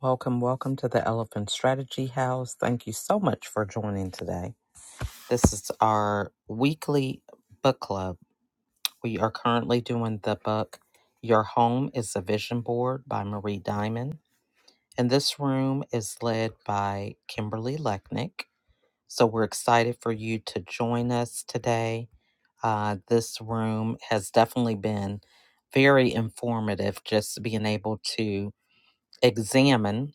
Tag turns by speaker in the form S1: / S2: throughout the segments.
S1: Welcome, welcome to the Elephant Strategy House. Thank you so much for joining today. This is our weekly book club. We are currently doing the book Your Home is a Vision Board by Marie Diamond. And this room is led by Kimberly Lechnick. So we're excited for you to join us today. Uh, this room has definitely been very informative, just being able to examine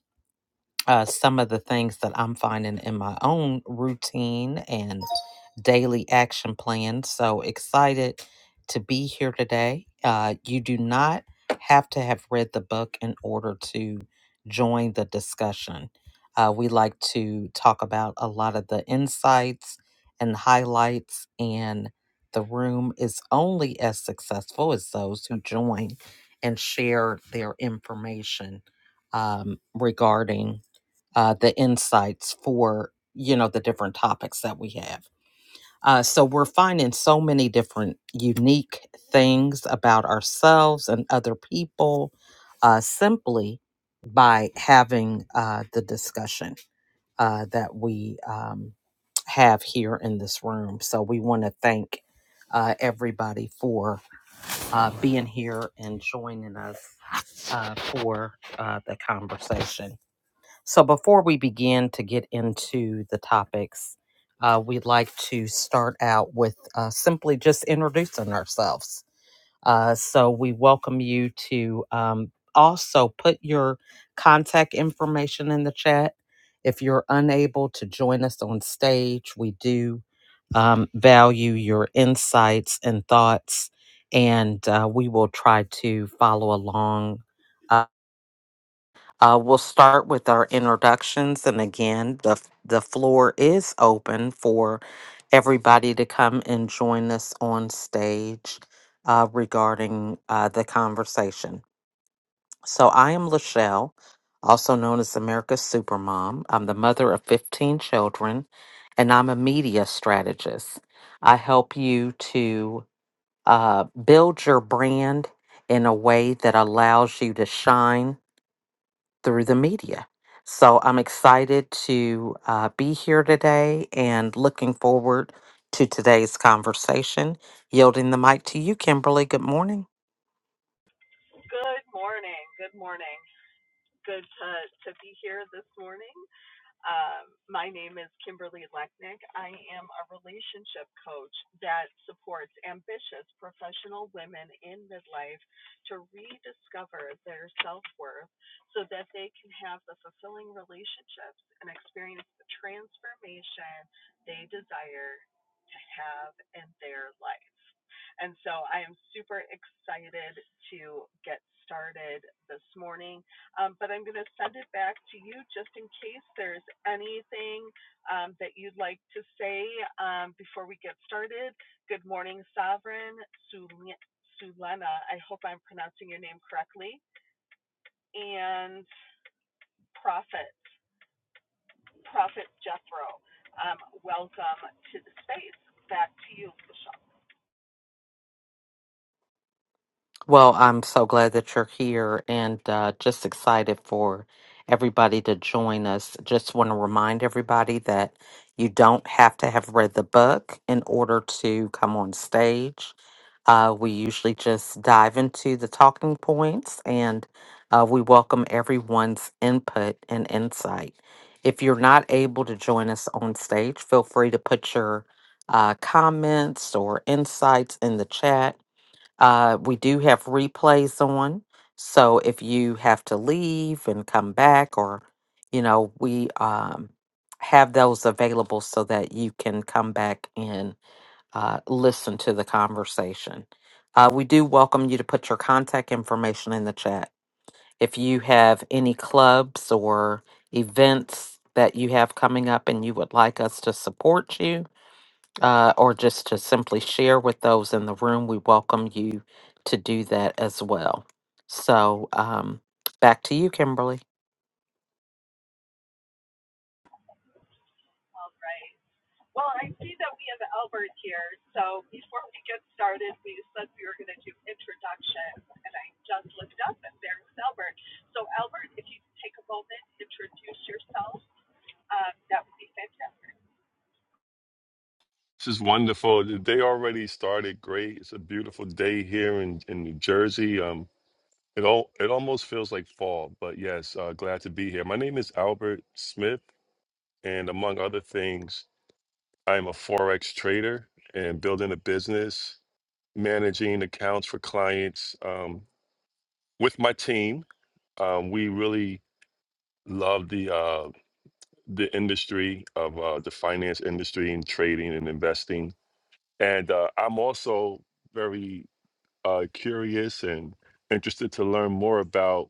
S1: uh, some of the things that I'm finding in my own routine and daily action plan. So excited to be here today. Uh, you do not have to have read the book in order to join the discussion. Uh, we like to talk about a lot of the insights and highlights, and the room is only as successful as those who join and share their information um, regarding uh, the insights for you know the different topics that we have uh, so we're finding so many different unique things about ourselves and other people uh, simply by having uh, the discussion uh, that we um, have here in this room so we want to thank uh, everybody for uh, being here and joining us uh, for uh, the conversation so, before we begin to get into the topics, uh, we'd like to start out with uh, simply just introducing ourselves. Uh, so, we welcome you to um, also put your contact information in the chat. If you're unable to join us on stage, we do um, value your insights and thoughts, and uh, we will try to follow along uh, uh, we'll start with our introductions, and again, the f- the floor is open for everybody to come and join us on stage uh, regarding uh, the conversation. So, I am Lachelle, also known as America's Supermom. I'm the mother of 15 children, and I'm a media strategist. I help you to uh, build your brand in a way that allows you to shine through the media. So I'm excited to uh, be here today and looking forward to today's conversation. Yielding the mic to you, Kimberly. Good morning.
S2: Good morning. Good morning. Good to to be here this morning. Um, my name is Kimberly Lechnick. I am a relationship coach that supports ambitious professional women in midlife to rediscover their self worth so that they can have the fulfilling relationships and experience the transformation they desire to have in their life. And so I am super excited to get started this morning. Um, but I'm going to send it back to you just in case there's anything um, that you'd like to say um, before we get started. Good morning, Sovereign Sulena. I hope I'm pronouncing your name correctly. And Prophet, Prophet Jethro, um, welcome to the space. Back to you, Michelle.
S1: Well, I'm so glad that you're here and uh, just excited for everybody to join us. Just want to remind everybody that you don't have to have read the book in order to come on stage. Uh, we usually just dive into the talking points and uh, we welcome everyone's input and insight. If you're not able to join us on stage, feel free to put your uh, comments or insights in the chat uh, we do have replays on. So if you have to leave and come back, or, you know, we um, have those available so that you can come back and uh, listen to the conversation. Uh, we do welcome you to put your contact information in the chat. If you have any clubs or events that you have coming up and you would like us to support you, uh, or just to simply share with those in the room, we welcome you to do that as well. So, um, back to you, Kimberly.
S2: All right. Well, I see that we have Albert here, so before we get started, we said we were going to do introductions, and I just looked up, and there's Albert. So, Albert, if you could take a moment, introduce yourself, um, that would be fantastic.
S3: This is wonderful. They already started great. It's a beautiful day here in, in New Jersey. Um, it all it almost feels like fall, but yes, uh, glad to be here. My name is Albert Smith, and among other things, I am a forex trader and building a business, managing accounts for clients. Um, with my team, um, we really love the uh, the industry of uh, the finance industry and trading and investing. And uh, I'm also very uh, curious and interested to learn more about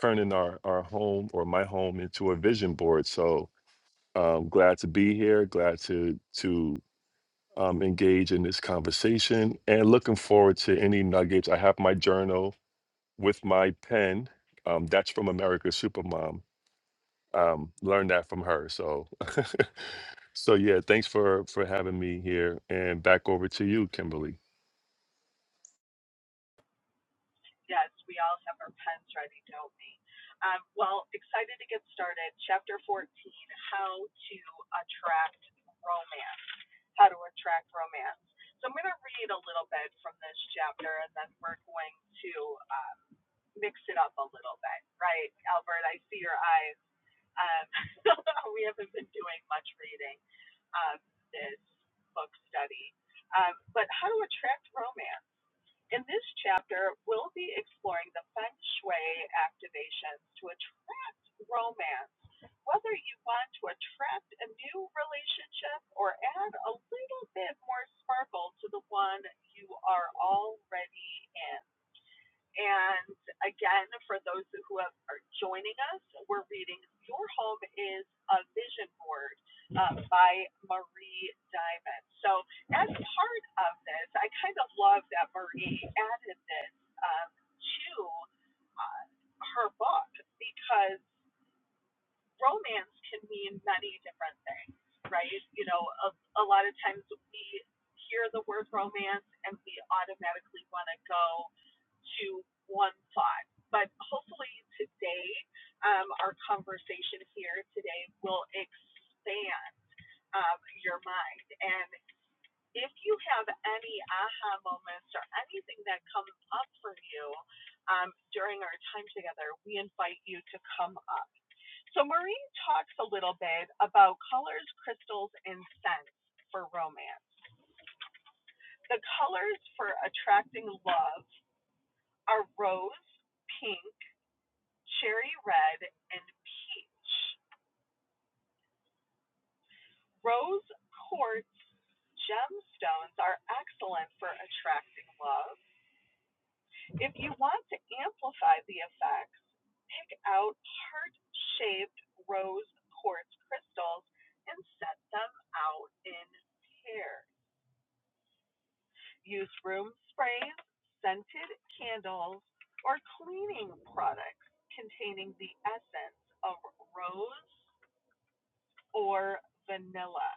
S3: turning our, our home or my home into a vision board. So um, glad to be here, glad to to um, engage in this conversation, and looking forward to any nuggets. I have my journal with my pen. Um, that's from America's Supermom. Um, learned that from her. So, so yeah. Thanks for for having me here, and back over to you, Kimberly.
S2: Yes, we all have our pens ready, don't we? Um, well, excited to get started. Chapter 14 How to Attract Romance. How to Attract Romance. So, I'm going to read a little bit from this chapter, and then we're going to. Uh, mixed it up a little bit, right? Albert, I see your eyes. Um, we haven't been doing much reading um, this book study. Um, but how to attract romance. In this chapter, we'll be exploring the feng shui activations to attract romance. Whether you want to attract a new relationship or add a little bit more sparkle to the one you are already in. And again, for those who have, are joining us, we're reading Your Home is a Vision Board uh, by Marie Diamond. So, as part of this, I kind of love that Marie added this um, to uh, her book because romance can mean many different things, right? You know, a, a lot of times we hear the word romance and we automatically want to go to one thought. But hopefully today, um, our conversation here today will expand um, your mind. And if you have any aha moments or anything that comes up for you um, during our time together, we invite you to come up so Maureen talks a little bit about colors, crystals, and scents for romance. The colors for attracting love are rose, pink, cherry red, and peach. Rose quartz gemstones are excellent for attracting love. If you want to amplify the effects, pick out heart-shaped rose quartz crystals and set them out in pairs. Use room sprays, scented candles, or cleaning products containing the essence of rose or vanilla.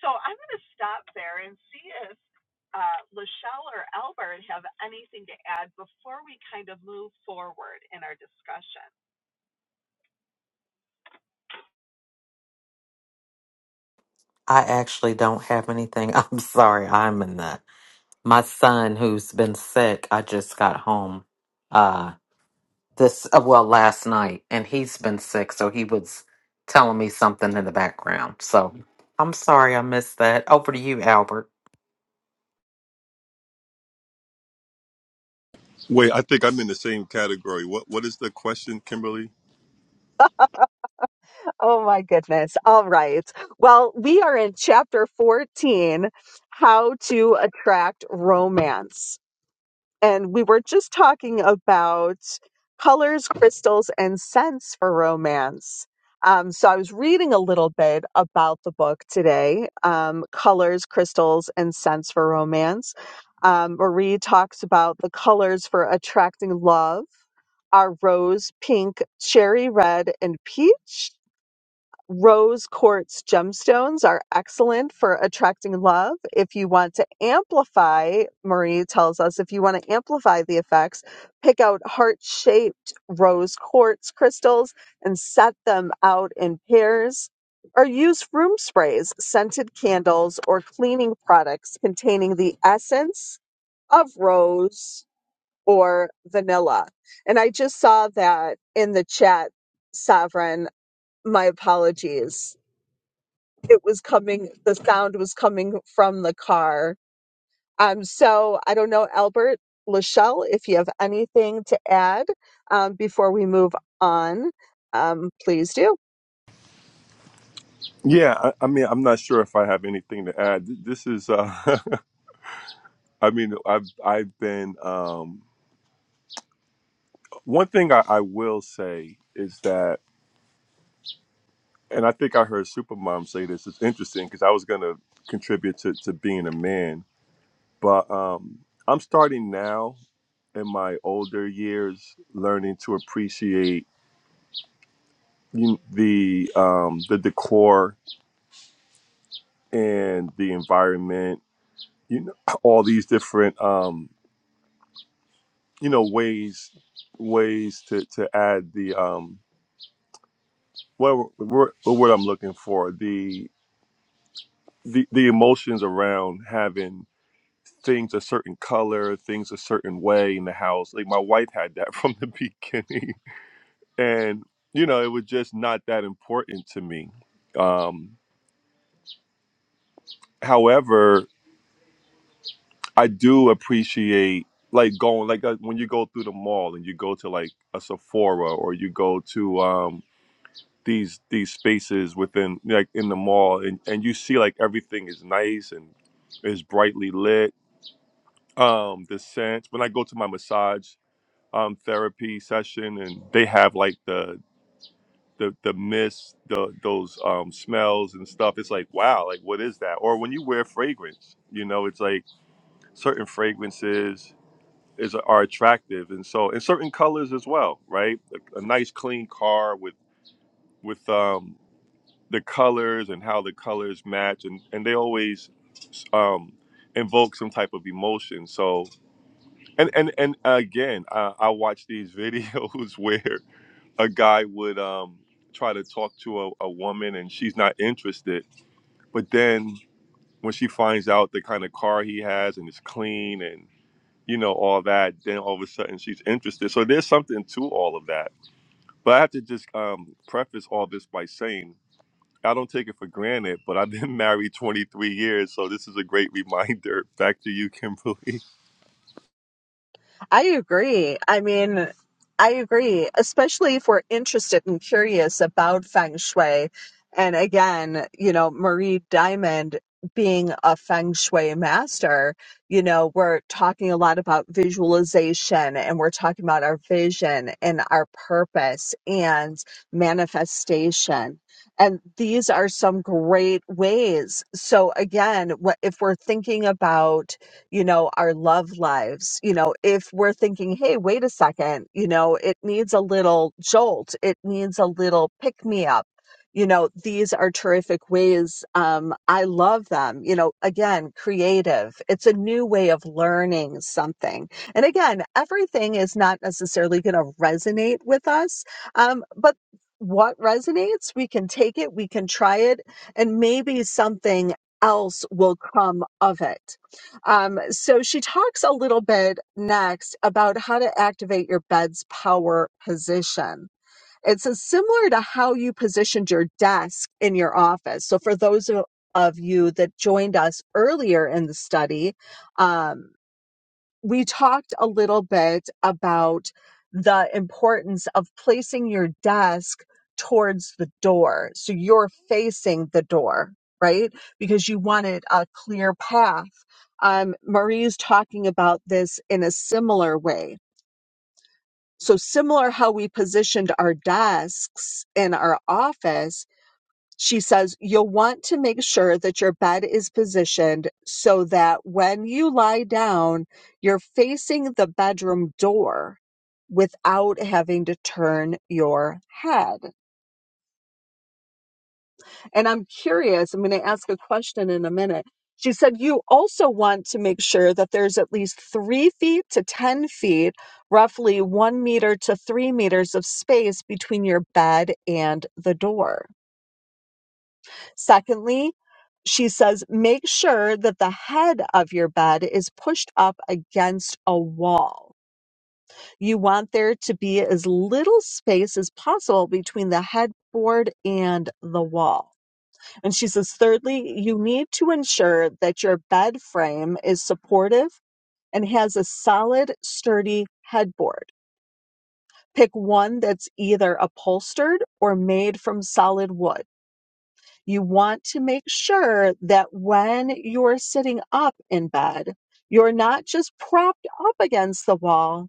S2: So I'm going to stop there and see if uh, Lachelle or Albert have anything to add before we kind of move forward in our discussion.
S1: I actually don't have anything. I'm sorry, I'm in that. My son, who's been sick, I just got home uh, this uh, well last night, and he's been sick, so he was telling me something in the background. So, I'm sorry I missed that. Over to you, Albert.
S3: Wait, I think I'm in the same category. What What is the question, Kimberly?
S2: Oh my goodness. All right. Well, we are in chapter 14 How to Attract Romance. and we were just talking about colors, crystals, and scents for romance. Um, so I was reading a little bit about the book today, um, Colors, Crystals, and Scents for Romance. Um, Marie talks about the colors for attracting love are rose, pink, cherry red, and peach. Rose quartz gemstones are excellent for attracting love. If you want to amplify, Marie tells us, if you want to amplify the effects, pick out heart shaped rose quartz crystals and set them out in pairs. Or use room sprays, scented candles, or cleaning products containing the essence of rose or vanilla. And I just saw that in the chat, Sovereign. My apologies it was coming the sound was coming from the car um so i don't know albert lachelle if you have anything to add um, before we move on um, please do
S3: Yeah, I, I mean, I'm not sure if I have anything to add. Th- This is, uh, I mean, I've I've been um, one thing I, I will say is that, and I think I heard Supermom say this. It's interesting because I was going to contribute to to being a man, but um, I'm starting now in my older years, learning to appreciate you- kn- the um, the decor and the environment. You know, all these different. Um, you know ways ways to to add the um what what what I'm looking for the the the emotions around having things a certain color, things a certain way in the house. Like my wife had that from the beginning, and you know it was just not that important to me. Um, however, I do appreciate like going like uh, when you go through the mall and you go to like a Sephora or you go to um. these these spaces within like in the mall and, and you see like everything is nice and is brightly lit um the scents when i go to my massage um therapy session and they have like the the the mist the those um smells and stuff it's like wow like what is that or when you wear fragrance you know it's like certain fragrances is are attractive and so and certain colors as well right a, a nice clean car with with um the colors and how the colors match and and they always um invoke some type of emotion so and and and again i i watch these videos where a guy would um try to talk to a, a woman and she's not interested but then when she finds out the kind of car he has and it's clean and you know all that then all of a sudden she's interested so there's something to all of that but i have to just um preface all this by saying I don't take it for granted, but I've been married 23 years, so this is a great reminder. Back to you, Kimberly.
S2: I agree. I mean, I agree, especially if we're interested and curious about feng shui. And again, you know, Marie Diamond being a feng shui master, you know, we're talking a lot about visualization and we're talking about our vision and our purpose and manifestation. And these are some great ways. So again, what if we're thinking about you know, our love lives, you know, if we're thinking, hey, wait a second, you know, it needs a little jolt, it needs a little pick me up. You know, these are terrific ways. Um, I love them. You know, again, creative. It's a new way of learning something. And again, everything is not necessarily going to resonate with us, um, but what resonates, we can take it, we can try it, and maybe something else will come of it. Um, so she talks a little bit next about how to activate your bed's power position. It's a- similar to how you positioned your desk in your office. So for those of of you that joined us earlier in the study, um, we talked a little bit about the importance of placing your desk towards the door. So you're facing the door, right? Because you wanted a clear path. Um, Marie's talking about this in a similar way. So similar how we positioned our desks in our office, she says, you'll want to make sure that your bed is positioned so that when you lie down, you're facing the bedroom door without having to turn your head. And I'm curious, I'm going to ask a question in a minute. She said, you also want to make sure that there's at least three feet to 10 feet, roughly one meter to three meters of space between your bed and the door. Secondly, she says, make sure that the head of your bed is pushed up against a wall. You want there to be as little space as possible between the headboard and the wall. And she says, thirdly, you need to ensure that your bed frame is supportive and has a solid, sturdy headboard. Pick one that's either upholstered or made from solid wood. You want to make sure that when you're sitting up in bed, you're not just propped up against the wall.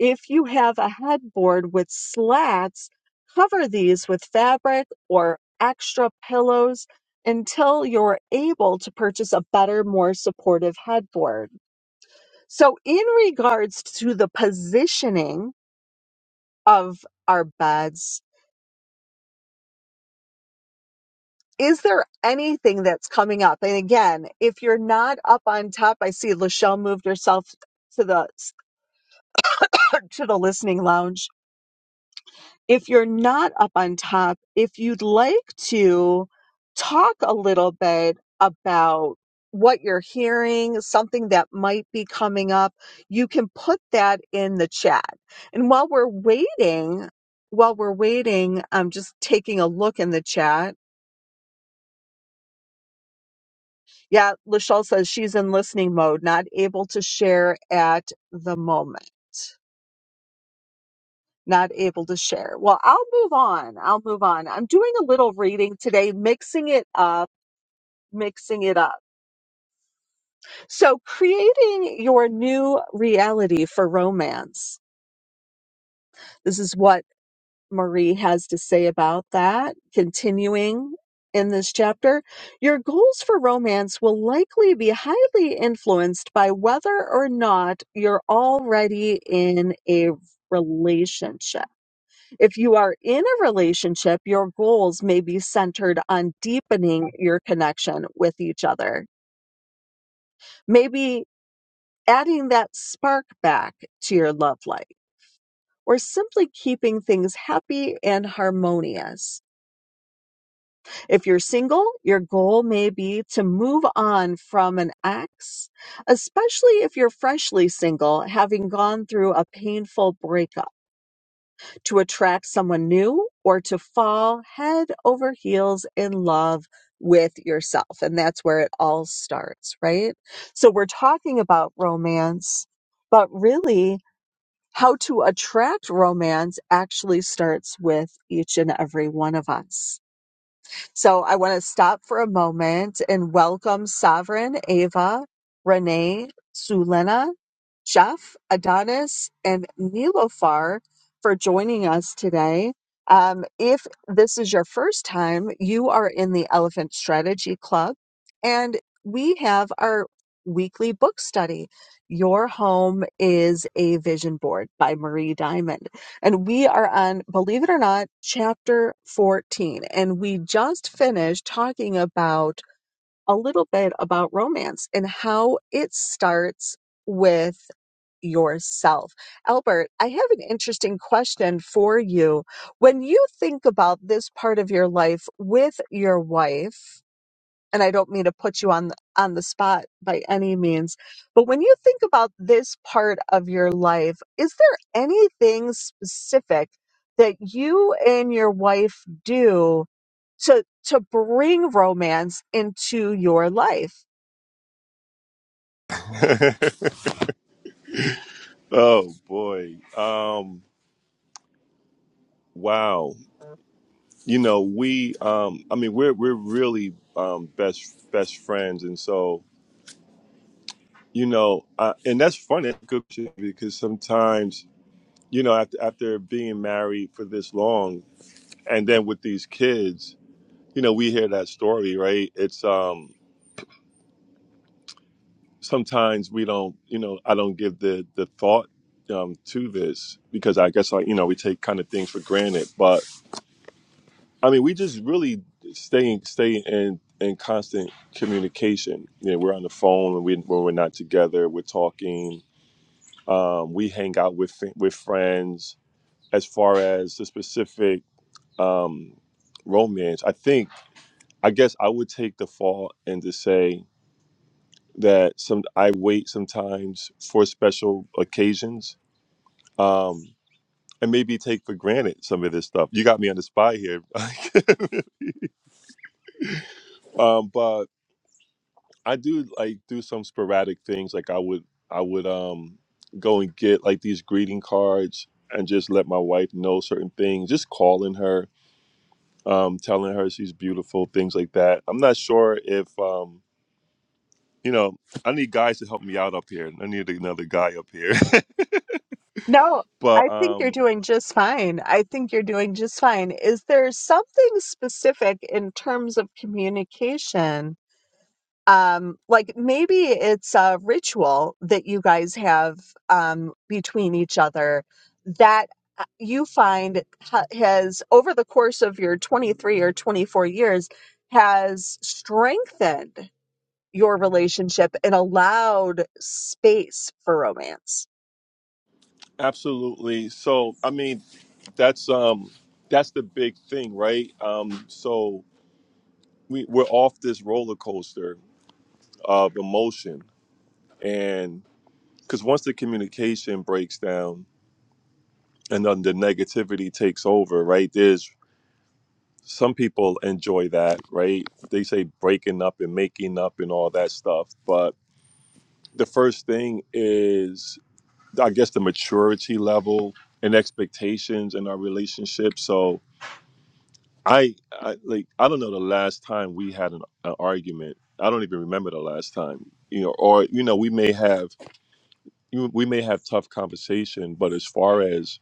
S2: If you have a headboard with slats, cover these with fabric or extra pillows until you're able to purchase a better, more supportive headboard. So, in regards to the positioning of our beds, is there anything that's coming up? And again, if you're not up on top, I see Lachelle moved herself to the to the listening lounge. If you're not up on top, if you'd like to talk a little bit about what you're hearing, something that might be coming up, you can put that in the chat. And while we're waiting, while we're waiting, I'm just taking a look in the chat Yeah, Lachelle says she's in listening mode, not able to share at the moment. Not able to share. Well, I'll move on. I'll move on. I'm doing a little reading today, mixing it up, mixing it up. So, creating your new reality for romance. This is what Marie has to say about that, continuing in this chapter. Your goals for romance will likely be highly influenced by whether or not you're already in a relationship. If you are in a relationship, your goals may be centered on deepening your connection with each other, maybe adding that spark back to your love life, or simply keeping things happy and harmonious If you're single, your goal may be to move on from an ex, especially if you're freshly single, having gone through a painful breakup, to attract someone new or to fall head over heels in love with yourself. And that's where it all starts, right? So we're talking about romance, but really, how to attract romance actually starts with each and every one of us. So I want to stop for a moment and welcome Sovereign, Ava, Renee, Sulena, Jeff, Adonis, and Nilofar for joining us today. Um, if this is your first time, you are in the Elephant Strategy Club, and we have our weekly book study. Your Home is a Vision Board by Marie Diamond. And we are on, believe it or not, chapter 14. And we just finished talking about a little bit about romance and how it starts with yourself. Albert, I have an interesting question for you. When you think about this part of your life with your wife, and I don't mean to put you on on the spot by any means, but when you think about this part of your life, is there anything specific that you and your wife do to to bring romance into your life?
S3: Oh boy. Um wow. You know, we um I mean we're we're really um best best friends and so, you know, uh, and that's funny that's a good shit, because sometimes, you know, after after being married for this long and then with these kids, you know, we hear that story, right? It's um sometimes we don't you know i don't give the the thought um, to this because i guess like you know we take kind of things for granted but i mean we just really stay stay in in constant communication you know we're on the phone when, we, when we're not together we're talking um, we hang out with fri- with friends as far as the specific um, romance i think i guess i would take the fall and to say that some i wait sometimes for special occasions um, and maybe take for granted some of this stuff. You got me on the spot here, um, but I do like do some sporadic things. Like I would, I would um, go and get like these greeting cards and just let my wife know certain things. Just calling her, um, telling her she's beautiful, things like that. I'm not sure if um, you know. I need guys to help me out up here. I need another guy up here,
S2: No,
S3: but
S2: I think you're
S3: um,
S2: doing just fine. I think you're doing just fine. Is there something specific in terms of communication um like maybe it's a ritual that you guys have um between each other that uh, you find ha- has over the course of your 23 or 24 years has strengthened your relationship and allowed space for romance
S3: Absolutely. So, I mean, that's um that's the big thing, right? Um so we we're off this roller coaster of emotion and cuz once the communication breaks down and then the negativity takes over, right? There's some people enjoy that, right? They say breaking up and making up and all that stuff, but the first thing is I guess the maturity level and expectations in our relationship. So, I, I like I don't know the last time we had an, an argument. I don't even remember the last time. You know, or you know, we may have you- we may have tough conversation, but as far as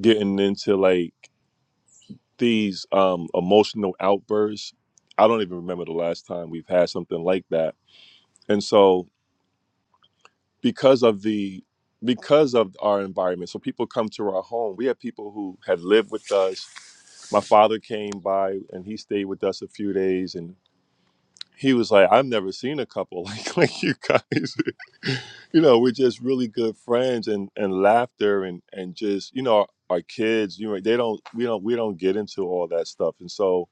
S3: getting into like these um emotional outbursts, I don't even remember the last time we've had something like that. And so because of the because of our environment, so people come to our home. We have people who had lived with us. My father came by and he stayed with us a few days, and he was like, I've never seen a couple like like you guys. You know, we're just really good friends and and laughter and and just you know our, our kids. You know, they don't we don't we don't get into all that stuff. And so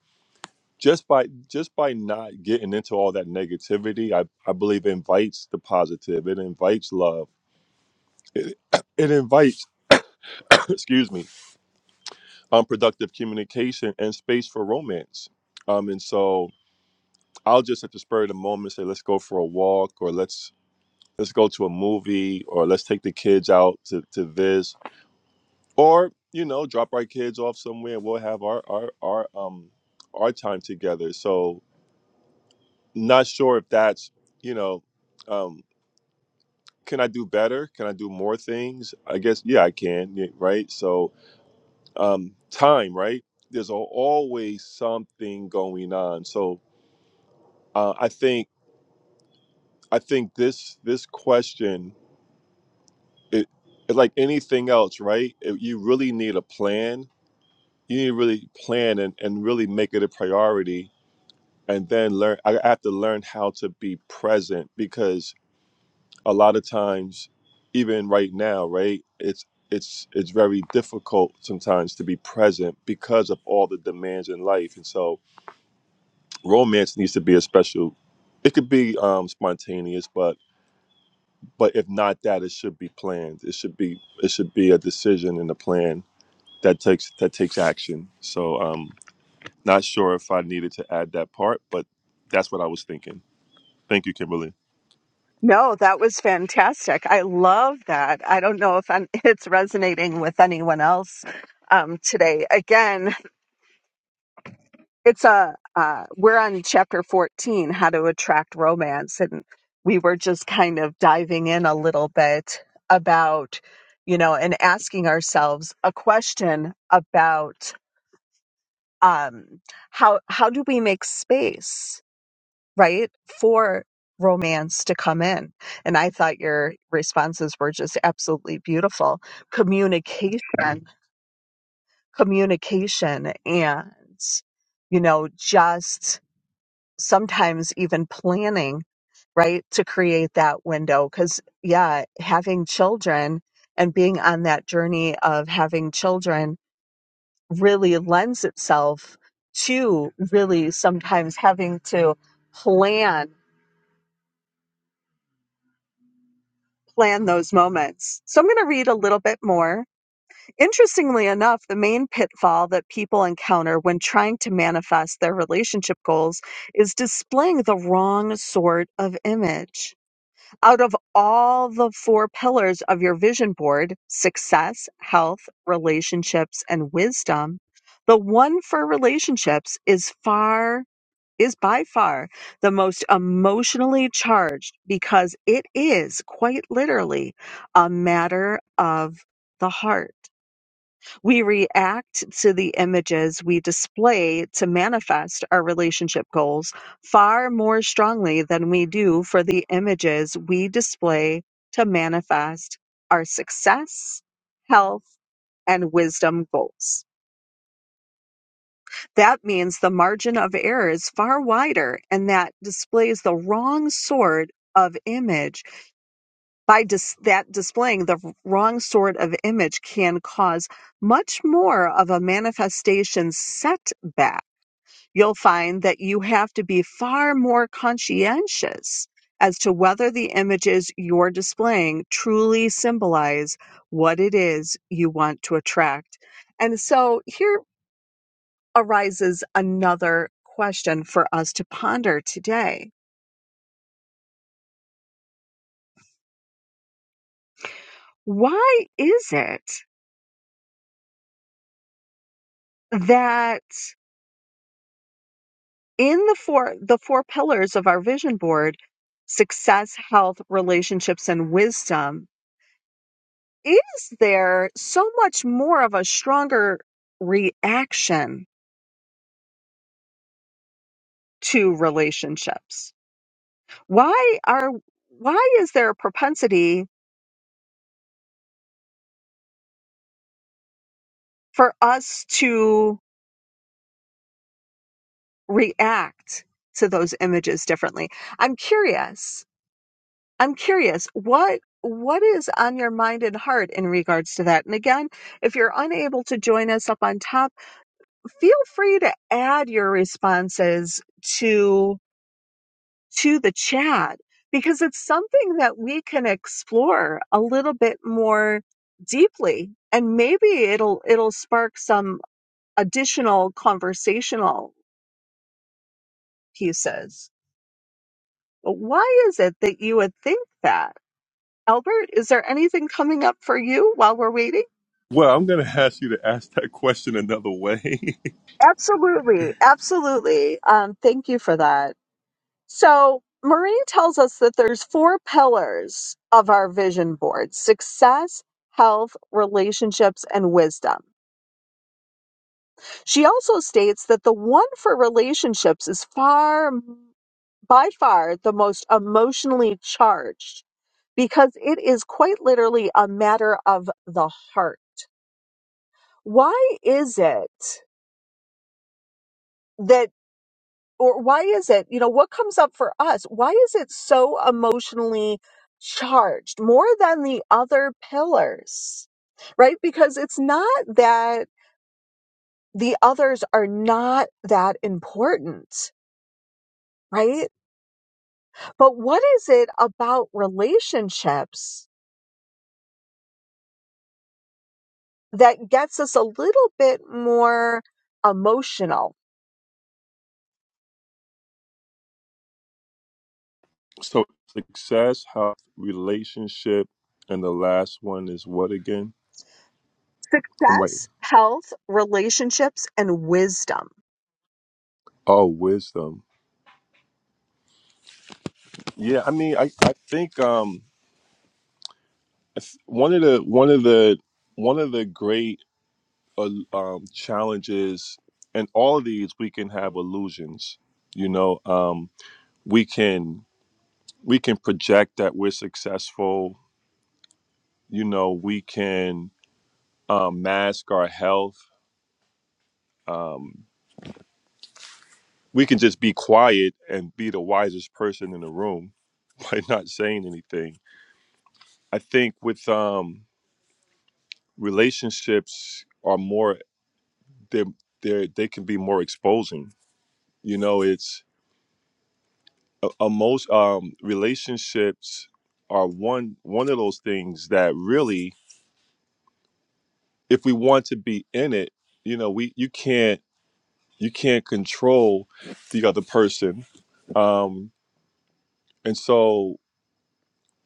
S3: just by just by not getting into all that negativity, I I believe invites the positive. It invites love. It, it invites excuse me unproductive communication and space for romance. Um, and so I'll just at the spur of the moment say, let's go for a walk or let's let's go to a movie or let's take the kids out to, to Viz or you know drop our kids off somewhere and we'll have our our our um our time together so not sure if that's you know um can I do better can I do more things I guess yeah I can yeah, right so um time right there's al- always something going on so uh, I think I think this this question it, it like anything else right It- you really need a plan you need to really plan and, and really make it a priority and then learn i have to learn how to be present because a lot of times even right now right it's it's it's very difficult sometimes to be present because of all the demands in life and so romance needs to be a special it could be um, spontaneous but but if not that it should be planned it should be it should be a decision and a plan that takes that takes action so um Not sure if I needed to add that part, but that's what I was thinking. Thank you, Kimberly.
S2: no that was fantastic i love that i don't know if I'm, it's resonating with anyone else um, today again it's a uh, we're on chapter 14 how to attract romance and we were just kind of diving in a little bit about you know and asking ourselves a question about um how how do we make space right for romance to come in and i thought your responses were just absolutely beautiful communication communication and you know just sometimes even planning, right, to create that window. Because, yeah, having children and being on that journey of having children really lends itself to really sometimes having to plan plan those moments. So I'm going to read a little bit more. Interestingly enough, the main pitfall that people encounter when trying to manifest their relationship goals is displaying the wrong sort of image out of all the four pillars of your vision board success, health, relationships, and wisdom the one for relationships is far is by far the most emotionally charged because it is quite literally a matter of the heart. We react to the images we display to manifest our relationship goals far more strongly than we do for the images we display to manifest our success, health, and wisdom goals. That means the margin of error is far wider and that displays the wrong sort of image by dis- that displaying the wrong sort of image can cause much more of a manifestation setback. You'll find that you have to be far more conscientious as to whether the images you're displaying truly symbolize what it is you want to attract. And so here arises another question for us to ponder today. Why is it that in the four the four pillars of our vision board success health relationships and wisdom is there so much more of a stronger reaction to relationships why are why is there a propensity for us to react to those images differently i'm curious i'm curious what what is on your mind and heart in regards to that and again if you're unable to join us up on top feel free to add your responses to to the chat because it's something that we can explore a little bit more deeply and maybe it'll it'll spark some additional conversational pieces but why is it that you would think that albert is there anything coming up for you while we're waiting
S3: Well, I'm going to ask you to ask that question another way.
S2: absolutely absolutely um, thank you for that So Maureen tells us that there's four pillars of our vision board: success, health, relationships, and wisdom. She also states that the one for relationships is far by far the most emotionally charged because it is quite literally a matter of the heart. Why is it that or why is it you know what comes up for us why is it so emotionally charged more than the other pillars right because it's not that the others are not that important right but what is it about relationships that gets us a little bit more emotional
S3: so, success, health, relationship, and the last one is what again? I'm right.
S2: success health relationships and wisdom
S3: Oh, wisdom. Yeah, I mean, I, I think um if- one of the one of the one of the great uh, um, challenges, and all of these, we can have illusions. You know, um, we can we can project that we're successful you know we can um, mask our health um, we can just be quiet and be the wisest person in the room by not saying anything i think with um, relationships are more they they they can be more exposing you know it's a, a most um, relationships are one one of those things that really if we want to be in it you know we you can't you can't control the other person um and so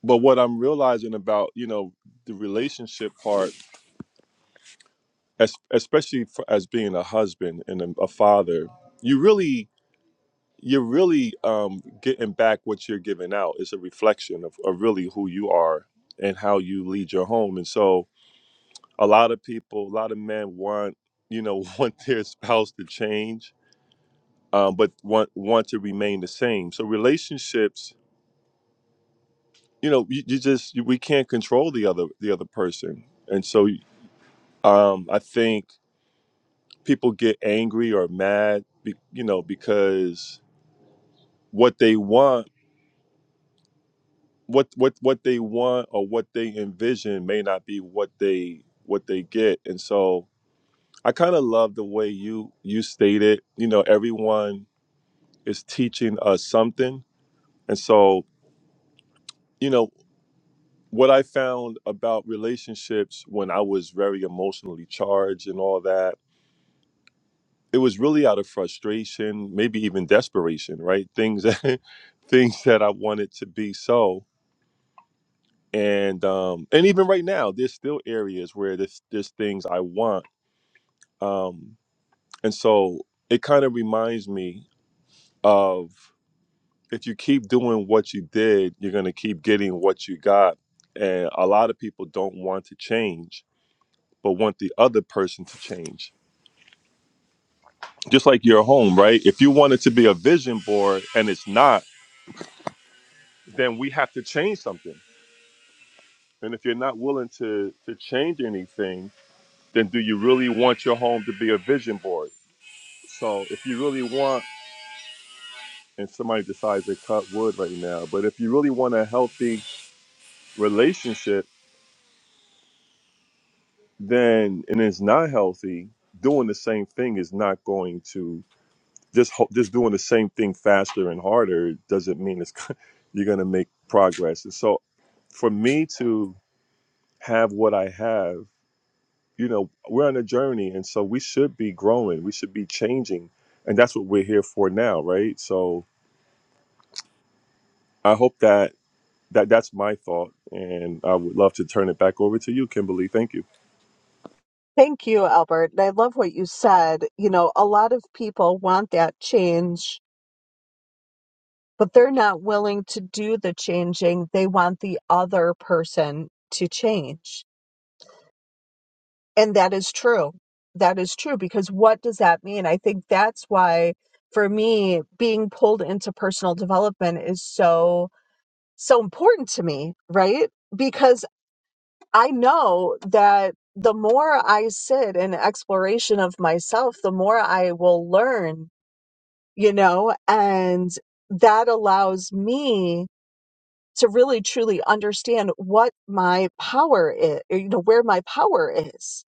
S3: but what i'm realizing about you know the relationship part es- especially for, as being a husband and a, a father you really you're really um getting back what you're giving out it's a reflection of, of really who you are and how you lead your home and so a lot of people a lot of men want you know want their spouse to change um, but want want to remain the same so relationships you know you, you just you, we can't control the other the other person and so um i think people get angry or mad be, you know because what they want what what what they want or what they envision may not be what they what they get and so i kind of love the way you you stated you know everyone is teaching us something and so you know what i found about relationships when i was very emotionally charged and all that it was really out of frustration, maybe even desperation, right? Things that things that I wanted to be so. And um and even right now, there's still areas where there's there's things I want. Um and so it kind of reminds me of if you keep doing what you did, you're gonna keep getting what you got. And a lot of people don't want to change, but want the other person to change. Just like your home, right? If you want it to be a vision board and it's not then we have to change something. And if you're not willing to to change anything, then do you really want your home to be a vision board? So if you really want, and somebody decides to cut wood right now, but if you really want a healthy relationship, then and it's not healthy, doing the same thing is not going to just ho- just doing the same thing faster and harder doesn't mean it's you're going to make progress. And so for me to have what I have you know we're on a journey and so we should be growing we should be changing and that's what we're here for now right so i hope that that that's my thought and i would love to turn it back over to you kimberly thank you
S2: Thank you, Albert. And I love what you said. You know, a lot of people want that change, but they're not willing to do the changing. They want the other person to change. And that is true. That is true because what does that mean? I think that's why, for me, being pulled into personal development is so, so important to me, right? Because I know that the more I sit in exploration of myself, the more I will learn you know, and that allows me to really truly understand what my power is, or, you know, where my power is,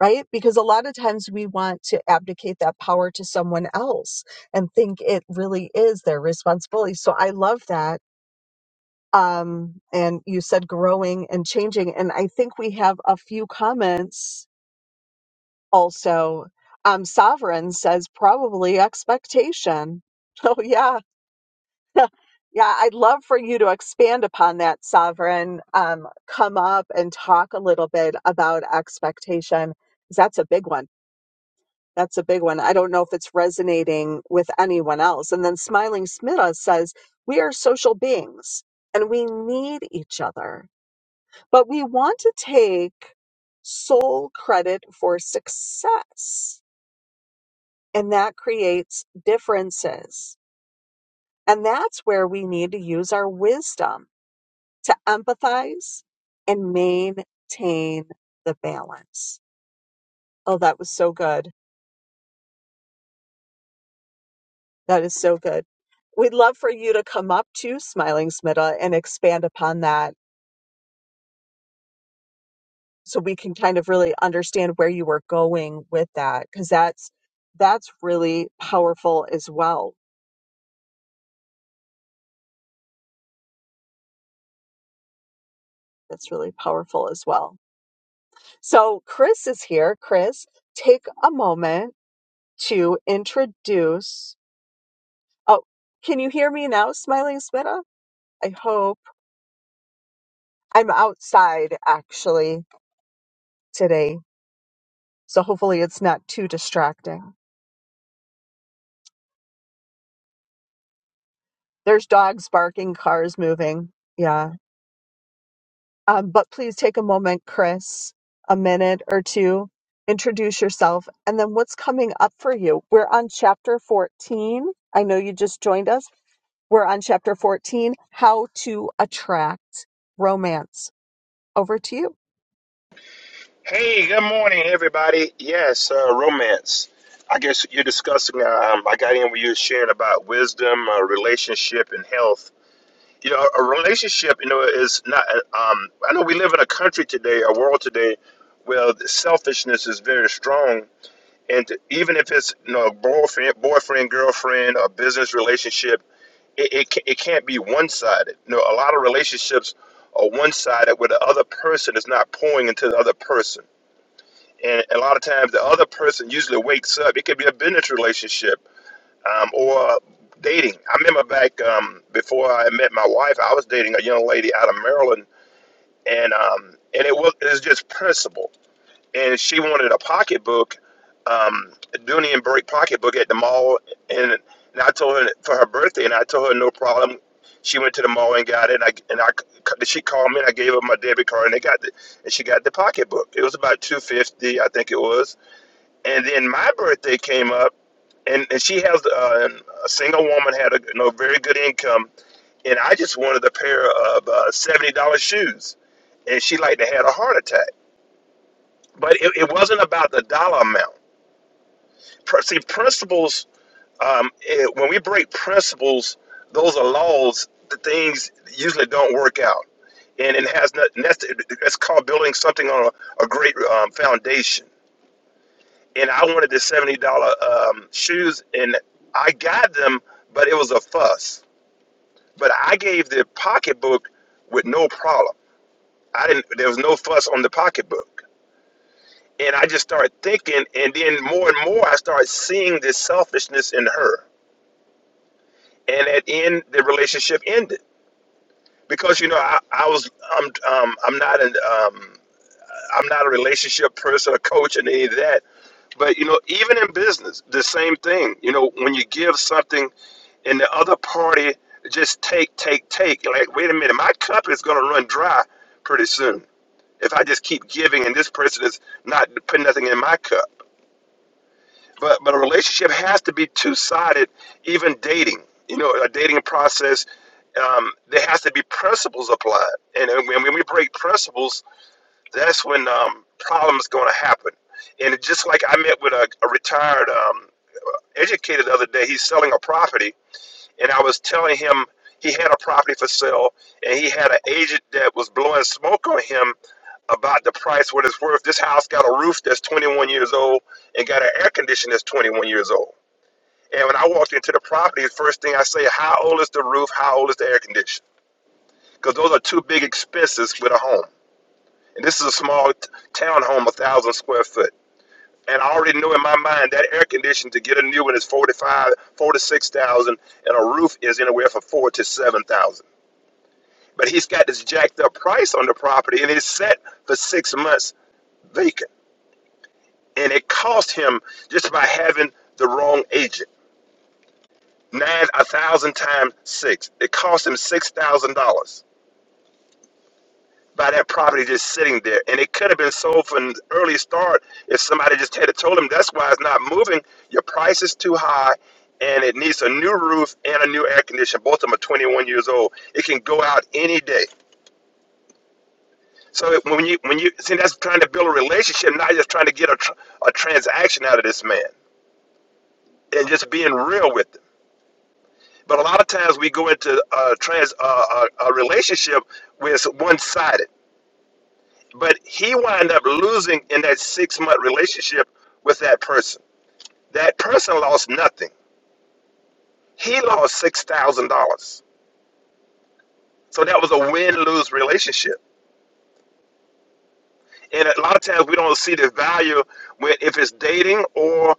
S2: right? Because a lot of times we want to abdicate that power to someone else and think it really is their responsibility. So I love that. Um, and you said growing and changing. And I think we have a few comments also. Um, Sovereign says probably expectation. Oh, yeah Yeah, I'd love for you to expand upon that, Sovereign. Um, come up and talk a little bit about expectation, 'cause that's a big one. That's a big one. I don't know if it's resonating with anyone else. And then Smiling Smita says, We are social beings and we need each other, but we want to take sole credit for success, and that creates differences. And that's where we need to use our wisdom to empathize and maintain the balance. Oh, that was so good. That is so good. We'd love for you to come up to Smiling Smitta and expand upon that so we can kind of really understand where you were going with that because that's that's really powerful as well. That's really powerful as well. So Chris is here. Chris, take a moment to introduce. Oh, can you hear me now, Smiling Smitta? I hope. I'm outside actually today, so hopefully it's not too distracting. There's dogs barking, cars moving. Yeah. Um, but please take a moment, Chris, a minute or two, introduce yourself, and then what's coming up for you. We're on chapter 14. I know you just joined us. We're on chapter 14 How to Attract Romance. Over to you.
S4: Hey, good morning, everybody. Yes, uh, romance. I guess you're discussing. Um, I got in where you were sharing about wisdom, uh, relationship, and health. You know, a relationship, you know, is not. uh, Um, I know we live in a country today, a world today, where the selfishness is very strong, and even if it's you know a boyfriend, boyfriend, girlfriend, a business relationship, it it, ca- it can't be one-sided. You know, a lot of relationships are one-sided, where the other person is not pouring into the other person and a lot of times the other person usually wakes up. It could be a business relationship um, or dating. I remember back um, before I met my wife, I was dating a young lady out of Maryland, and um, and it was it was just principle. And she wanted a pocketbook, um, a Dooney and Burke pocketbook at the mall, and and I told her for her birthday, and I told her no problem. She went to the mall and got it, and I and I c- she called me and I gave her my debit card, and they got the, and she got the pocketbook. It was about two fifty, I think it was and then my birthday came up, and, and she has uh, a single woman had a you know, very good income, and I just wanted a pair of uh, seventy dollars shoes, and she like to had a heart attack. But it, it wasn't about the dollar amount. Pr- See, principles. Um, eh, when we break principles, those are laws. The things usually don't work out, and it has not. and That's it's called building something on a, a great um, foundation. and I wanted the seventy dollar um, shoes, and I got them, but it was a fuss. But I gave the pocketbook with no problem. I didn't. There was no fuss on the pocketbook, and I just started thinking, and then more and more, I started seeing this selfishness in her, and at the end, the relationship ended because you know I, I was I'm um, I'm not an um, I'm not a relationship person, a coach, and any of that. But you know, even in business, the same thing. You know, when you give something and the other party just take, take, take. You're Like, wait a minute, my cup is going to run dry pretty soon if I just keep giving and this person is not putting nothing in my cup. But but a relationship has to be two sided, even dating. You know, a dating process. Um, there has to be principles applied, and, and when when we break principles, that's when um, problems going to happen. And it- just like I met with a, a retired um, educator the other day, he's selling a property, and I was telling him he had a property for sale, and he had an agent that was blowing smoke on him about the price, what it's worth. This house got a roof that's 21 years old and got an air conditioner that's 21 years old. And when I walked into the property, the first thing I say, how old is the roof? How old is the air conditioner? Because those are two big expenses with a home. And this is a small t- town home, a thousand square foot. And I already know in my mind that air conditioner to get a new one is 45, 46,000, and a roof is anywhere from four to 7,000. But he's got this jacked up price on the property and it's set for six months vacant. And it cost him just by having the wrong agent. Nine a thousand times six. It cost him six thousand dollars by that property just sitting there. And it could have been sold from an early start if somebody just had told him that's why it's not moving. Your price is too high and it needs a new roof and a new air conditioner. Both of them are 21 years old. It can go out any day. So it- when you when you see that's trying to build a relationship, not just trying to get a, tr- a transaction out of this man, and just being real with them. But a lot of times we go into a trans a, a, a relationship where it's one sided. But he wound up losing in that six month relationship with that person. That person lost nothing. He lost six thousand dollars. So that was a win lose relationship. And a lot of times we don't see the value when if it's dating or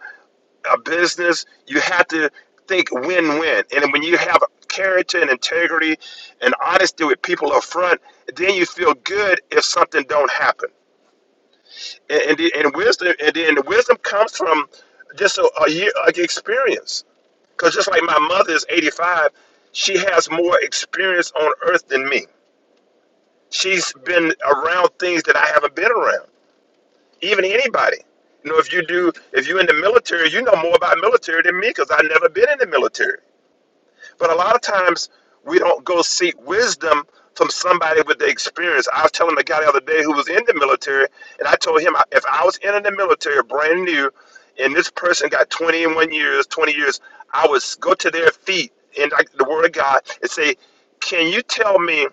S4: a business, you have to think win-win. And when you have character and integrity and honesty with people up front, then you feel good if something don't happen. And and, the- and wisdom and then the wisdom comes from just a, a year like experience. Because just like my mother is 85, she has more experience on earth than me. She's been around things that I haven't been around. Even anybody. You know, if you do, if you're in the military, you know more about military than me because I've never been in the military. But a lot of times we don't go seek wisdom from somebody with the experience. I was telling a guy the other day who was in the military, and I told him if I was in the military brand new, and this person got 21 years, 20 years, I would go to their feet in like the Word of God and say, "Can you tell me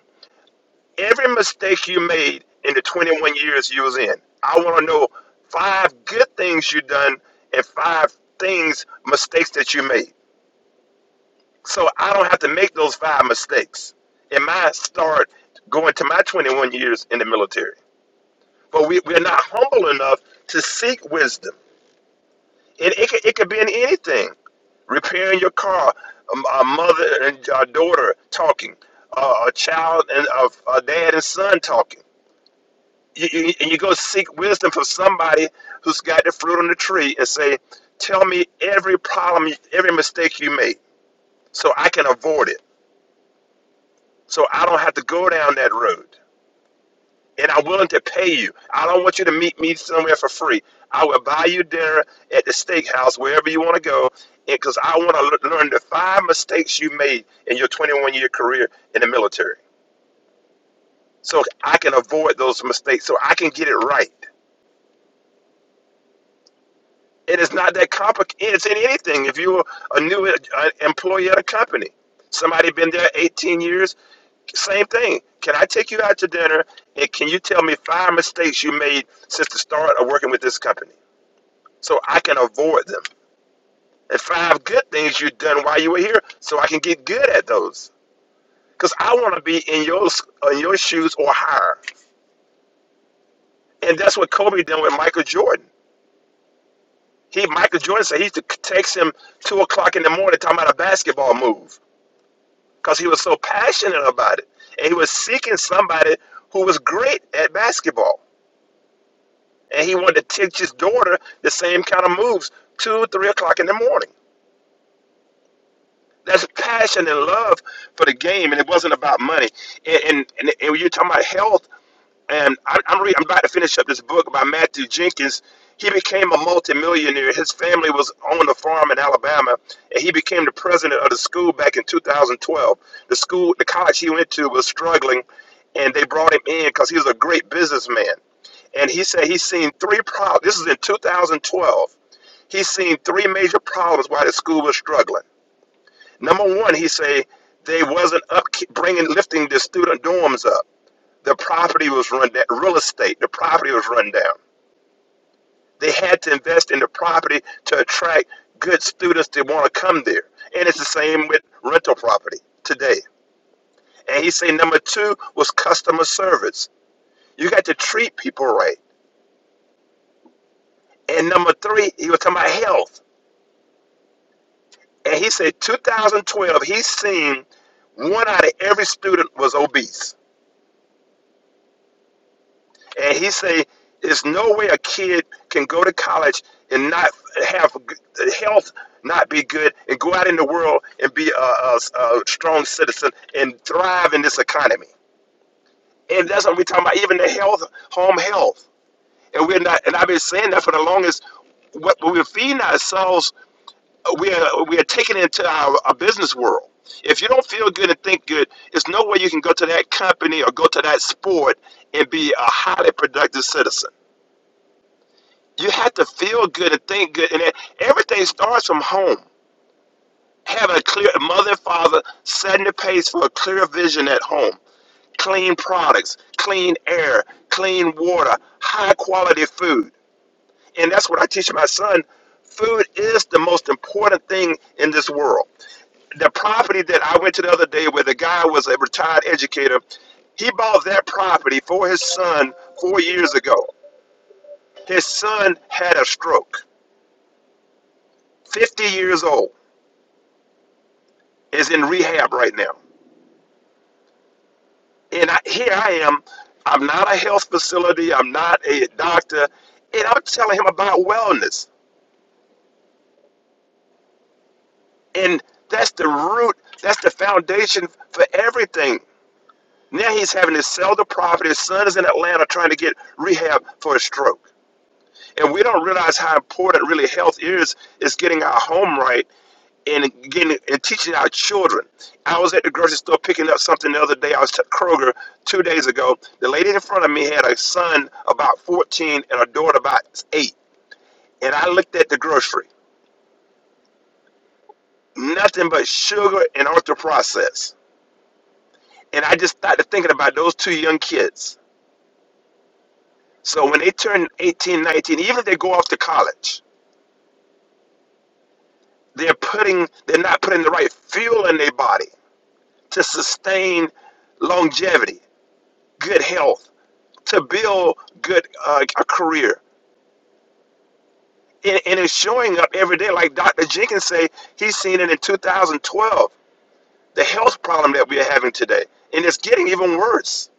S4: every mistake you made in the 21 years you was in? I want to know five good things you done and five things mistakes that you made." so I don't have to make those five mistakes. And my start going to my 21 years in the military. But we, we're not humble enough to seek wisdom. And it could, it could be in anything repairing your car, um, a mother and a daughter talking, uh, a child and a, a dad and son talking. You, you, and you go seek wisdom from somebody who's got the fruit on the tree and say, Tell me every problem, every mistake you made so I can avoid it so I don't have to go down that road. And I'm willing to pay you. I don't want you to meet me somewhere for free. I will buy you dinner at the steakhouse, wherever you want to go, because I want to learn the five mistakes you made in your 21 year career in the military. So I can avoid those mistakes, so I can get it right. And it's not that complicated. It's in anything. If you're a new uh, employee at a company, somebody been there 18 years, Same thing. Can I take you out to dinner and can you tell me five mistakes you made since the start of working with this company so I can avoid them? And five good things you've done while you were here so I can get good at those. Because I want to be in your, in your shoes or higher. And that's what Kobe did with Michael Jordan. He Michael Jordan said he used to text him two o'clock in the morning talking about a basketball move because he was so passionate about it and he was seeking somebody who was great at basketball. and he wanted to teach his daughter the same kind of moves two, three o'clock in the morning. That's passion and love for the game, and it wasn't about money. And and, and, and when you're talking about health, and I, I'm reading, I'm about to finish up this book by Matthew Jenkins. He became a multimillionaire. His family was on a farm in Alabama, and he became the president of the school back in 2012. The school, the college he went to, was struggling, and they brought him in because he was a great businessman. And he said he's seen three problems. This is in 2012 he seen three major problems why the school was struggling. Number one, he say they wasn't up bringing lifting the student dorms up. The property was run down. Real estate, the property was run down. They had to invest in the property to attract good students that want to come there. And it's the same with rental property today. And he say number two was customer service. You got to treat people right. And number three, he was talking about health. And he said 2012, he's seen one out of every student was obese. And he say there's no way a kid can go to college and not have health not be good and go out in the world and be a, a, a strong citizen and thrive in this economy. And that's what we're talking about, even the health, home health. And we're not, and I've been saying that for the longest. What we're feeding ourselves we are we are taking it into our, our business world. If you don't feel good and think good, there's no way you can go to that company or go to that sport and be a highly productive citizen. You have to feel good and think good, and it- everything starts from home. Having a clear mother and father setting the pace for a clear vision at home. Clean products, clean air, clean water, high quality food. And that's what I teach my son. Food is the most important thing in this world the property that I went to the other day where the guy was a retired educator, he bought that property for his son four years ago. His son had a stroke, 50 years old, is in rehab right now. And I, here I am. I'm not a health facility, I'm not a doctor, and I'm telling him about wellness. And that's the root, that's the foundation for everything. Now he's having to sell the property. His son is in Atlanta trying to get rehab for a stroke. and we don't realize how important really health is is getting our home right and getting and teaching our children i was at the grocery store picking up something the other day i was at kroger two days ago the lady in front of me had a son about 14 and a daughter about 8 and i looked at the grocery nothing but sugar and ultra processed and i just started thinking about those two young kids so when they turn 18, 19, even if they go off to college they're putting they're not putting the right fuel in their body to sustain longevity, good health, to build good uh, a career. And, and it's showing up every day. Like Dr. Jenkins say, he's seen it in 2012, the health problem that we're having today. And it's getting even worse.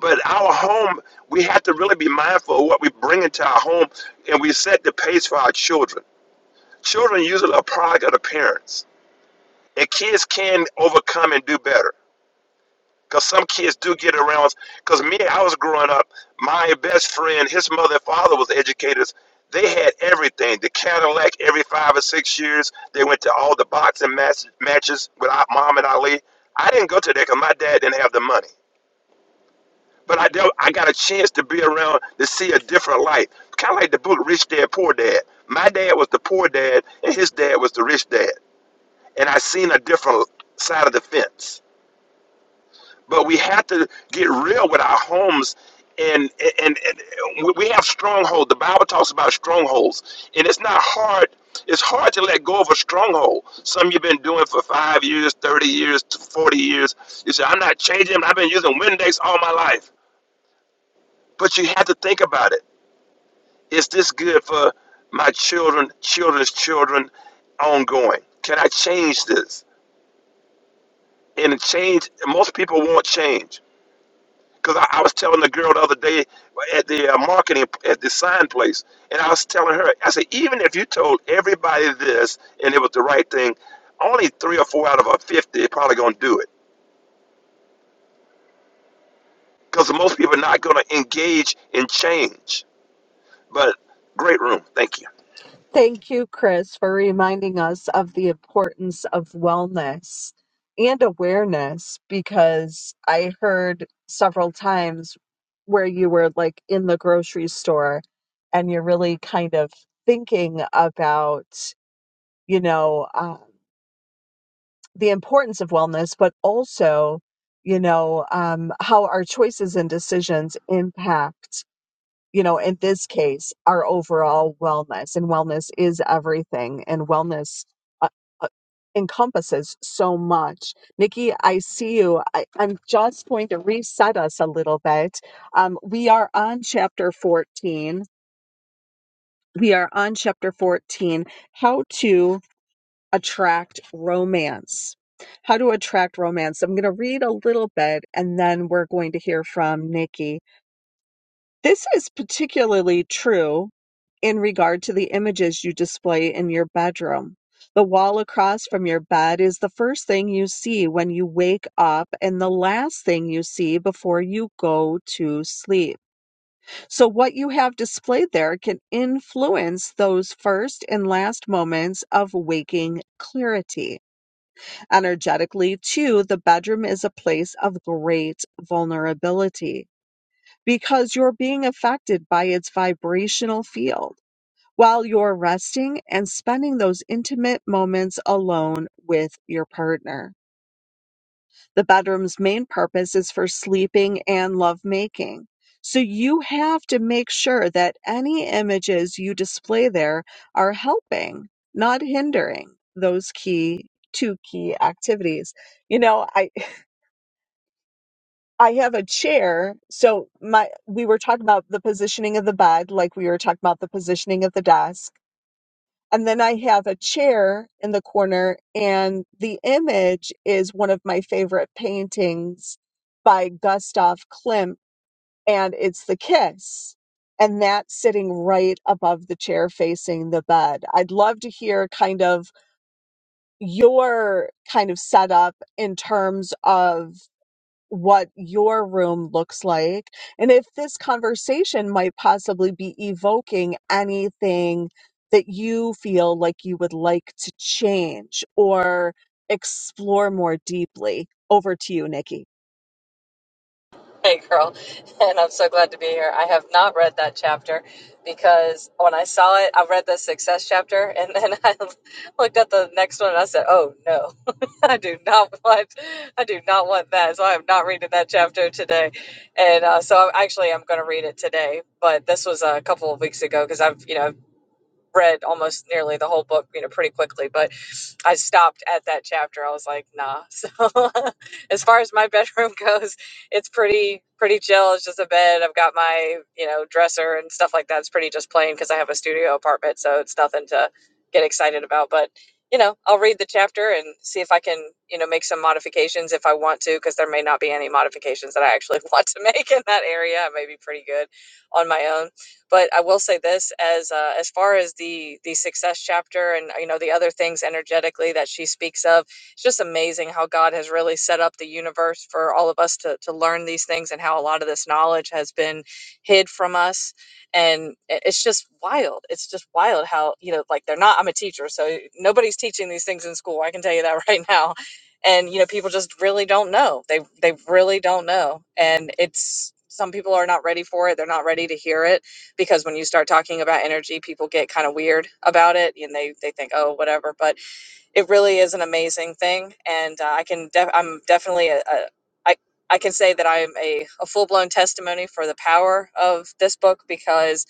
S4: But our home, we have to really be mindful of what we bring into our home and we set the pace for our children. Children usually are a product of the parents. And kids can overcome and do better Because some kids do get around. Because me, I was growing up, my best friend, his mother and father was educators. They had everything the Cadillac every five or six years. They went to all the boxing match, matches with our mom and Ali. I didn't go to that because my dad didn't have the money. But I, dealt, I got a chance to be around to see a different life. Kind of like the book Rich Dad, Poor Dad. My dad was the poor dad, and his dad was the rich dad. And I seen a different side of the fence. but we have to get real with our homes and and, and we have stronghold the bible talks about strongholds and it's not hard it's hard to let go of a stronghold some you've been doing for five years 30 years 40 years you say i'm not changing i've been using windex all my life but you have to think about it is this good for my children children's children ongoing can i change this and change most people won't change Because I, I was telling the girl the other day at the uh, marketing, at the sign place, and I was telling her, I said, even if you told everybody this and it was the right thing, only three or four out of a 50 are probably going to do it. Because most people are not going to engage in change. But great room. Thank you.
S2: Thank you, Chris, for reminding us of the importance of wellness and awareness because I heard several times where you were like in the grocery store and you're really kind of thinking about, you know, uh, the importance of wellness, but also, you know, um, how our choices and decisions impact you know, in this case, our overall wellness. And wellness is everything, and wellness uh, uh, encompasses so much. Nikki, I see you. I, I'm just going to reset us a little bit. Um, we are on chapter 14. We are on chapter 14 how to attract romance. How to attract romance. I'm going to read a little bit and then we're going to hear from Nikki. This is particularly true in regard to the images you display in your bedroom. The wall across from your bed is the first thing you see when you wake up and the last thing you see before you go to sleep. So, what you have displayed there can influence those first and last moments of waking clarity. Energetically, too, the bedroom is a place of great vulnerability because you're being affected by its vibrational field while you're resting and spending those intimate moments alone with your partner. The bedroom's main purpose is for sleeping and lovemaking. So you have to make sure that any images you display there are helping, not hindering those key two key activities. You know, I I have a chair. So my we were talking about the positioning of the bed, like we were talking about the positioning of the desk. And then I have a chair in the corner, and the image is one of my favorite paintings by Gustav Klimt, and it's The Kiss. And that's sitting right above the chair facing the bed. I'd love to hear kind of your kind of setup in terms of what your room looks like and if this conversation might possibly be evoking anything that you feel like you would like to change or explore more deeply. Over to you, Nikki.
S5: Hey, girl. And I'm so glad to be here. I have not read that chapter because when I saw it, I read the success chapter and then I looked at the next one and I said, oh no, I do not want, I do not want that. So I am not reading that chapter today. And uh, so I'm, actually, I'm going to read it today, but this was a couple of weeks ago because I've, you know, read almost nearly the whole book, you know, pretty quickly, but I stopped at that chapter. I was like, nah. So as far as my bedroom goes, it's pretty pretty chill. It's just a bed. I've got my, you know, dresser and stuff like that. It's pretty just plain because I have a studio apartment, so it's nothing to get excited about. But you know, I'll read the chapter and see if I can, you know, make some modifications if I want to, because there may not be any modifications that I actually want to make in that area. I may be pretty good on my own but I will say this as uh, as far as the the success chapter and you know the other things energetically that she speaks of, it's just amazing how God has really set up the universe for all of us to to learn these things and how a lot of this knowledge has been hid from us and i- it's just wild it's just wild how you know like they're not i'm a teacher so nobody's teaching these things in school i can tell you that right now and you know people just really don't know they they really don't know and it's some people are not ready for it they're not ready to hear it because when you start talking about energy, people get kind of weird about it and they, they think, oh, whatever. But it really is an amazing thing. And uh, I can, def- I'm definitely a, a I, I can say that I'm a, a full blown testimony for the power of this book because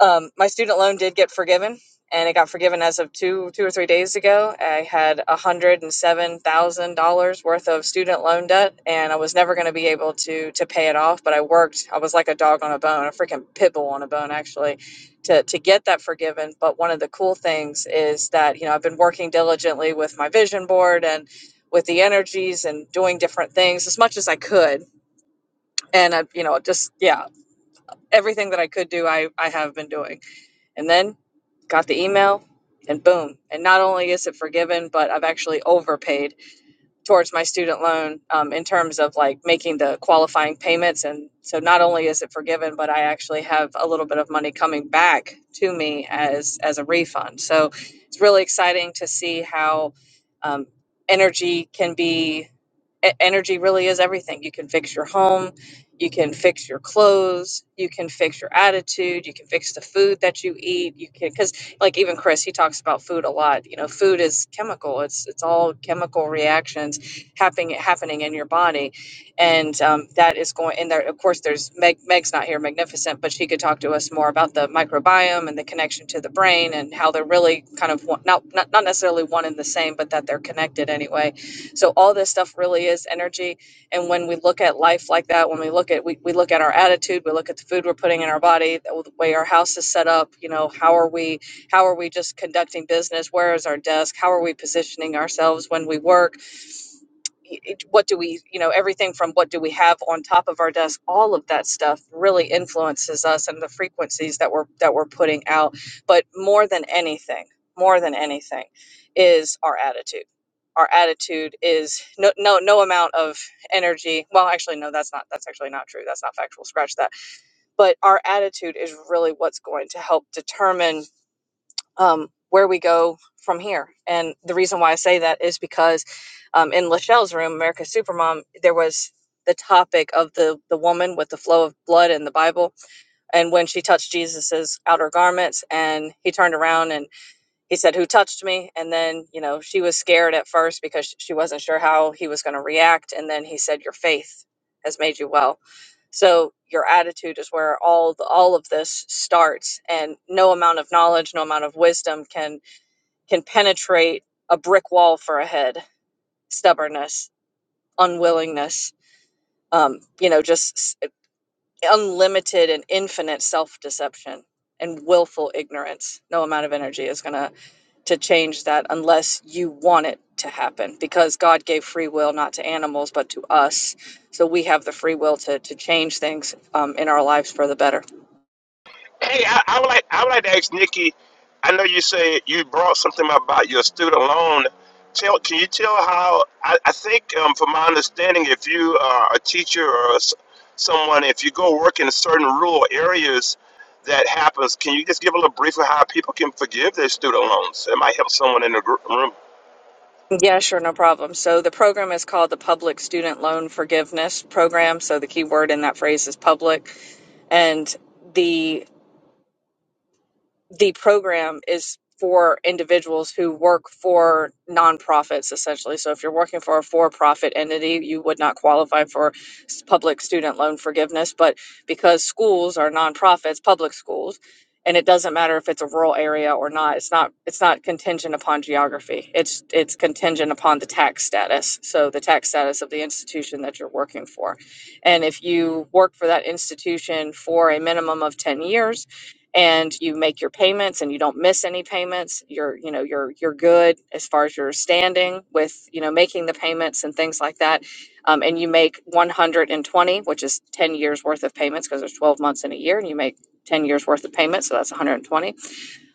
S5: um, my student loan did get forgiven, and it got forgiven as of two two or three days ago. I had one hundred and seven thousand dollars worth of student loan debt, and I was never going to be able to to pay it off. But I worked. I was like a dog on a bone, a freaking pit bull on a bone, actually, to to get that forgiven. But one of the cool things is that you know I've been working diligently with my vision board and with the energies and doing different things as much as I could, and I you know just yeah everything that I could do I I have been doing and then got the email, and boom. And not only is it forgiven, but I've actually overpaid towards my student loan um, in terms of like making the qualifying payments. And so not only is it forgiven, but I actually have a little bit of money coming back to me as as a refund. So it's really exciting to see how um, energy can be E- energy really is everything. You can fix your home, you can fix your clothes, you can fix your attitude, you can fix the food that you eat. You can because like even Chris, he talks about food a lot. You know, food is chemical. It's it's all chemical reactions happening happening in your body, and um, that is going. And there, of course, there's Meg. Meg's not here, magnificent, but she could talk to us more about the microbiome and the connection to the brain and how they're really kind of one- not not not necessarily one and the same, but that they're connected anyway so all this stuff really is energy. And when we look at life like that, when we look at we, we look at our attitude, we look at the food we're putting in our body, the the way our house is set up, you know, how are we how are we just conducting business? Where is our desk? How are we positioning ourselves when we work? Y- it- What do we, you know, everything from what do we have on top of our desk, all of that stuff really influences us and the frequencies that we're that we're putting out. But more than anything, more than anything is our attitude our attitude is no no no amount of energy well actually no that's not that's actually not true that's not factual scratch that but our attitude is really what's going to help determine um, where we go from here and the reason why i say that is because um, in lachelle's room america's supermom there was the topic of the the woman with the flow of blood in the bible and when she touched jesus's outer garments and he turned around and he said who touched me and then you know she was scared at first because she wasn't sure how he was going to react and then he said your faith has made you well so your attitude is where all the, all of this starts and no amount of knowledge no amount of wisdom can can penetrate a brick wall for a head stubbornness unwillingness um, you know just s- unlimited and infinite self-deception and willful ignorance no amount of energy is going to to change that unless you want it to happen because God gave free will not to animals but to us. So we have the free will to, to change things um, in our lives for the better.
S4: Hey, I, I would like I would like to ask Nikki. I know you say you brought something about your student loan. Tell, can you tell how? I, I think, um, from my understanding, if you are a teacher or s- someone, if you go work in certain rural areas, that happens. Can you just give a little brief of how people can forgive their student loans? It might help someone in the gr- room
S5: Yeah, sure, no problem. So the program is called the Public Student Loan Forgiveness Program. So the key word in that phrase is public. And the the program is for individuals who work for nonprofits essentially so if you're working for a for-profit entity you would not qualify for s- public student loan forgiveness but because schools are nonprofits public schools and it doesn't matter if it's a rural area or not it's not it's not contingent upon geography it's it's contingent upon the tax status so the tax status of the institution that you're working for and if you work for that institution for a minimum of 10 years and you make your payments and you don't miss any payments you're you know you're you're good as far as your standing with you know making the payments and things like that um, and you make 120 which is 10 years worth of payments because there's 12 months in a year and you make 10 years worth of payments so that's 120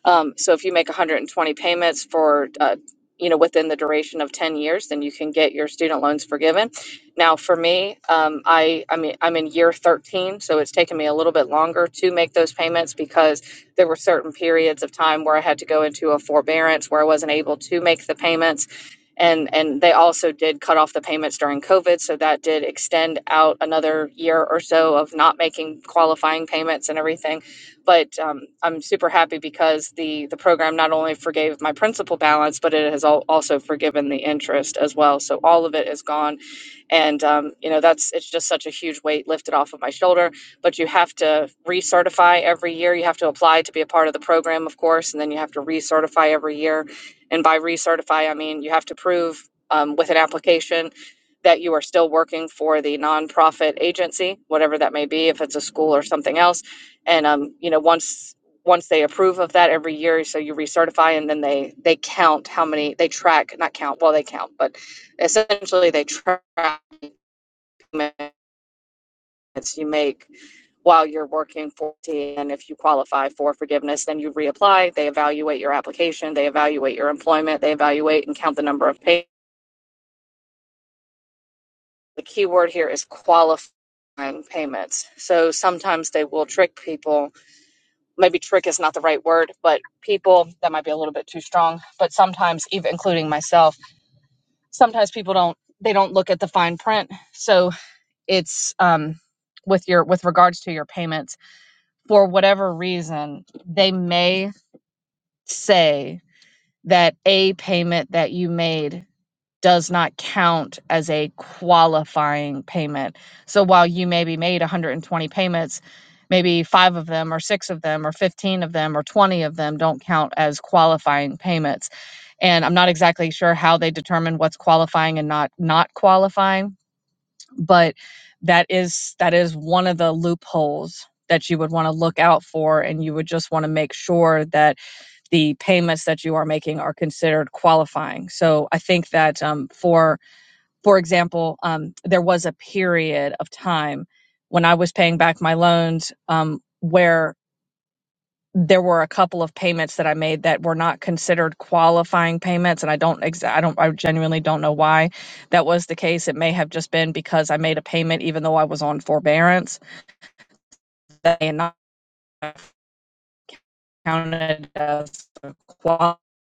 S5: um, so if you make 120 payments for, uh, you know, within the duration of 10 years, then you can get your student loans forgiven. Now, for me, um, I, I mean, I'm in year 13, so it's taken me a little bit longer to make those payments because there were certain periods of time where I had to go into a forbearance where I wasn't able to make the payments. And, and they also did cut off the payments during COVID. So that did extend out another year or so of not making qualifying payments and everything. But um, I'm super happy because the the program not only forgave my principal balance, but it has al- also forgiven the interest as well. So all of it is gone and, um, you know, that's, it's just such a huge weight lifted off of my shoulder. But you have to recertify every year. You have to apply to be a part of the program, of course, and then you have to recertify every year. And by recertify, I mean you have to prove um, with an application that you are still working for the nonprofit agency, whatever that may be, if it's a school or something else. And, um, you know, once, once they approve of that every year so you recertify and then they they count how many they track not count well they count but essentially they track payments you make while you're working for T. And if you qualify for forgiveness, then you reapply. They evaluate your application, they evaluate your employment, they evaluate and count the number of payments. The key word here is qualifying payments. So sometimes they will trick people. Maybe trick is not the right word, but people, that might be a little bit too strong. But sometimes, even including myself, sometimes people don't they don't look at the fine print so it's um with your with regards to your payments for whatever reason, they may say that a payment that you made does not count as a qualifying payment. So while you maybe made 120 payments, maybe five of them, or six of them, or 15 of them, or 20 of them don't count as qualifying payments. And I'm not exactly sure how they determine what's qualifying and not not qualifying but that is that is one of the loopholes that you would want to look out for and you would just want to make sure that the payments that you are making are considered qualifying so i think that um, for for example um, there was a period of time when i was paying back my loans um, where there were a couple of payments that I made that were not considered qualifying payments, and I don't, ex- I don't, I genuinely don't know why that was the case. It may have just been because I made a payment even though I was on forbearance, that and not counted as a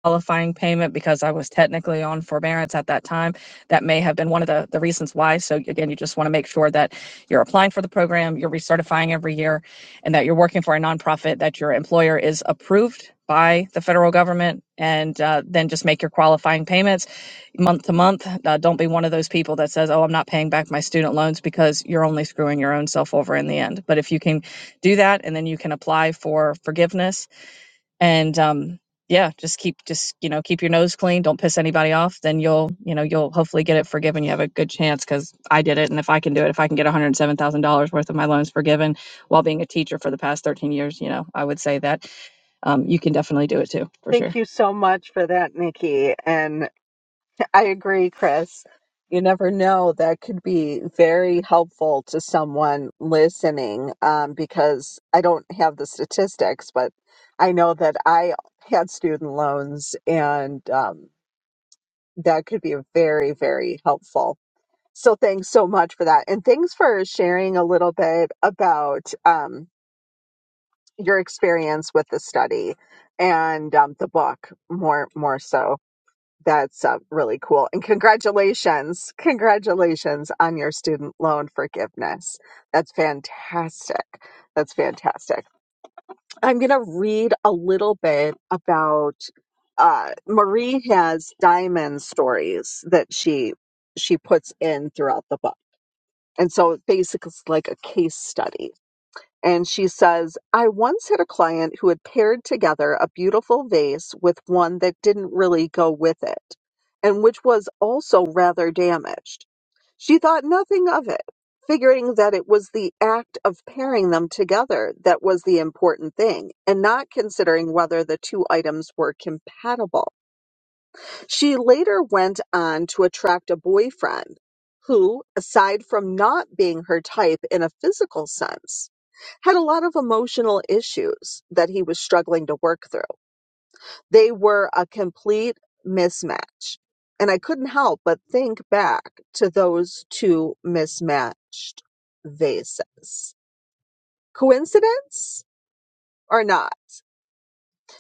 S5: qualifying payment because I was technically on forbearance at that time. That may have been one of the, the reasons why. So again, you just want to make sure that you're applying for the program, you're recertifying every year, and that you're working for a nonprofit, that your employer is approved by the federal government, and uh, then just make your qualifying payments month to month. Uh, don't be one of those people that says, oh, I'm not paying back my student loans because you're only screwing your own self over in the end. But if you can do that and then you can apply for forgiveness and um yeah just keep just you know keep your nose clean don't piss anybody off then you'll you know you'll hopefully get it forgiven you have a good chance because i did it and if i can do it if i can get $107000 worth of my loans forgiven while being a teacher for the past 13 years you know i would say that um, you can definitely do it too for sure
S2: Thank you so much for that, Nikki. And I agree, Chris. You never know. That could be very helpful to someone listening um, because I don't have the statistics, but I know that I had student loans and um, that could be very, very helpful. So thanks so much for that. And thanks for sharing a little bit about um, your experience with the study and um, the book more, more so. That's uh, really cool. And congratulations. Congratulations on your student loan forgiveness. That's fantastic. That's fantastic. I'm going to read a little bit about uh, Marie has diamond stories that she she puts in throughout the book. And so basically it's like a case study and she says, I once had a client who had paired together a beautiful vase with one that didn't really go with it, and which was also rather damaged. She thought nothing of it, figuring that it was the act of pairing them together that was the important thing, and not considering whether the two items were compatible. She later went on to attract a boyfriend who, aside from not being her type in a physical sense, had a lot of emotional issues that he was struggling to work through. They were a complete mismatch. And I couldn't help but think back to those two mismatched vases. Coincidence or not?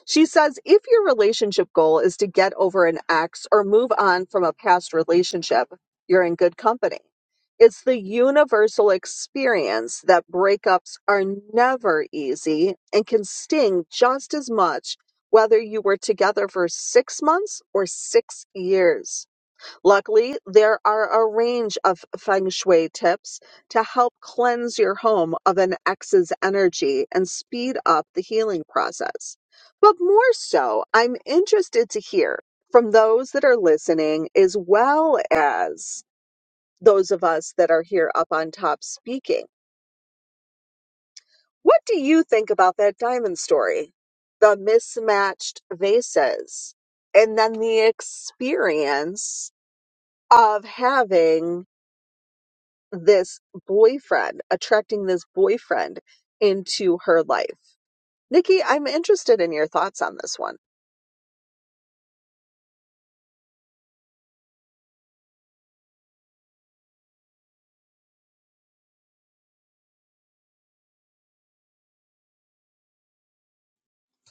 S2: She says if your relationship goal is to get over an ex or move on from a past relationship, you're in good company. It's the universal experience that breakups are never easy and can sting just as much whether you were together for six months or six years. Luckily, there are a range of feng shui tips to help cleanse your home of an ex's energy and speed up the healing process. But more so, I'm interested to hear from those that are listening as well as those of us that are here up on top speaking. What do you think about that diamond story? The mismatched vases, and then the experience of having this boyfriend, attracting this boyfriend into her life. Nikki, I'm interested in your thoughts on this one.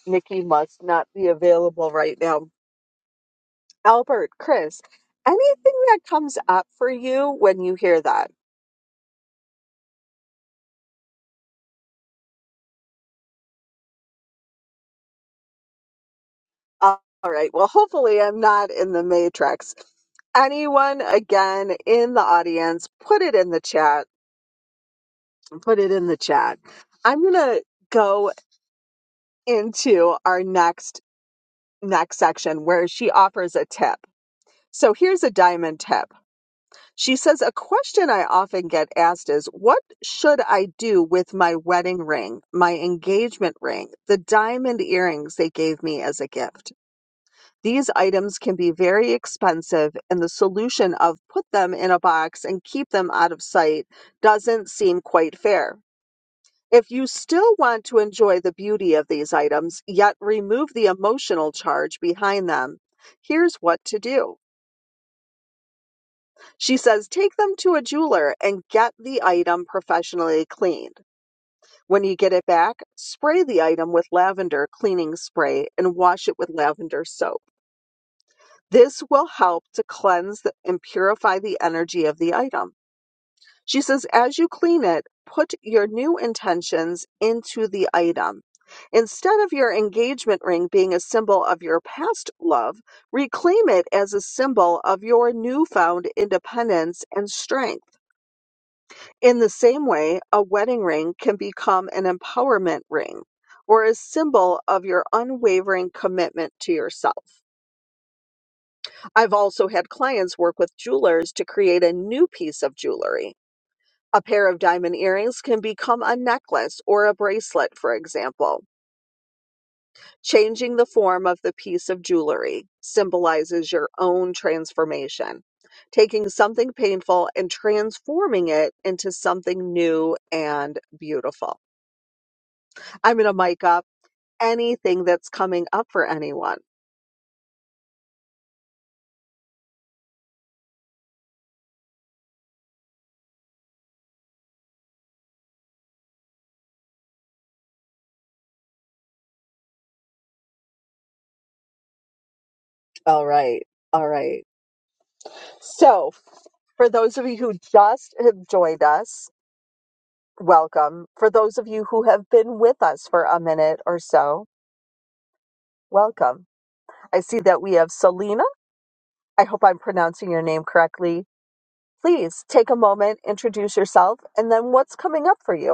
S2: Nikki must not be available right now. Albert, Chris, anything that comes up for you when you hear that? All right. Well, hopefully, I'm not in the matrix. Anyone again in the audience, put it in the chat. Put it in the chat. I'm going to go into our next next section where she offers a tip So here's a diamond tip. She says, A question I often get asked is, What should I do with my wedding ring, my engagement ring, the diamond earrings they gave me as a gift? These items can be very expensive, and the solution of put them in a box and keep them out of sight doesn't seem quite fair. If you still want to enjoy the beauty of these items, yet remove the emotional charge behind them, here's what to do. She says, take them to a jeweler and get the item professionally cleaned. When you get it back, spray the item with lavender cleaning spray and wash it with lavender soap. This will help to cleanse and purify the energy of the item. She says, as you clean it, put your new intentions into the item. Instead of your engagement ring being a symbol of your past love, reclaim it as a symbol of your newfound independence and strength. In the same way, a wedding ring can become an empowerment ring or a symbol of your unwavering commitment to yourself. I've also had clients work with jewelers to create a new piece of jewelry. A pair of diamond earrings can become a necklace or a bracelet, for example. Changing the form of the piece of jewelry symbolizes your own transformation, taking something painful and transforming it into something new and beautiful. I'm going to mic up anything that's coming up for anyone. All right. All right. So, for those of you who just have joined us, welcome. For those of you who have been with us for a minute or so, welcome. I see that we have Selena. I hope I'm pronouncing your name correctly. Please take a moment, introduce yourself, and then what's coming up for you?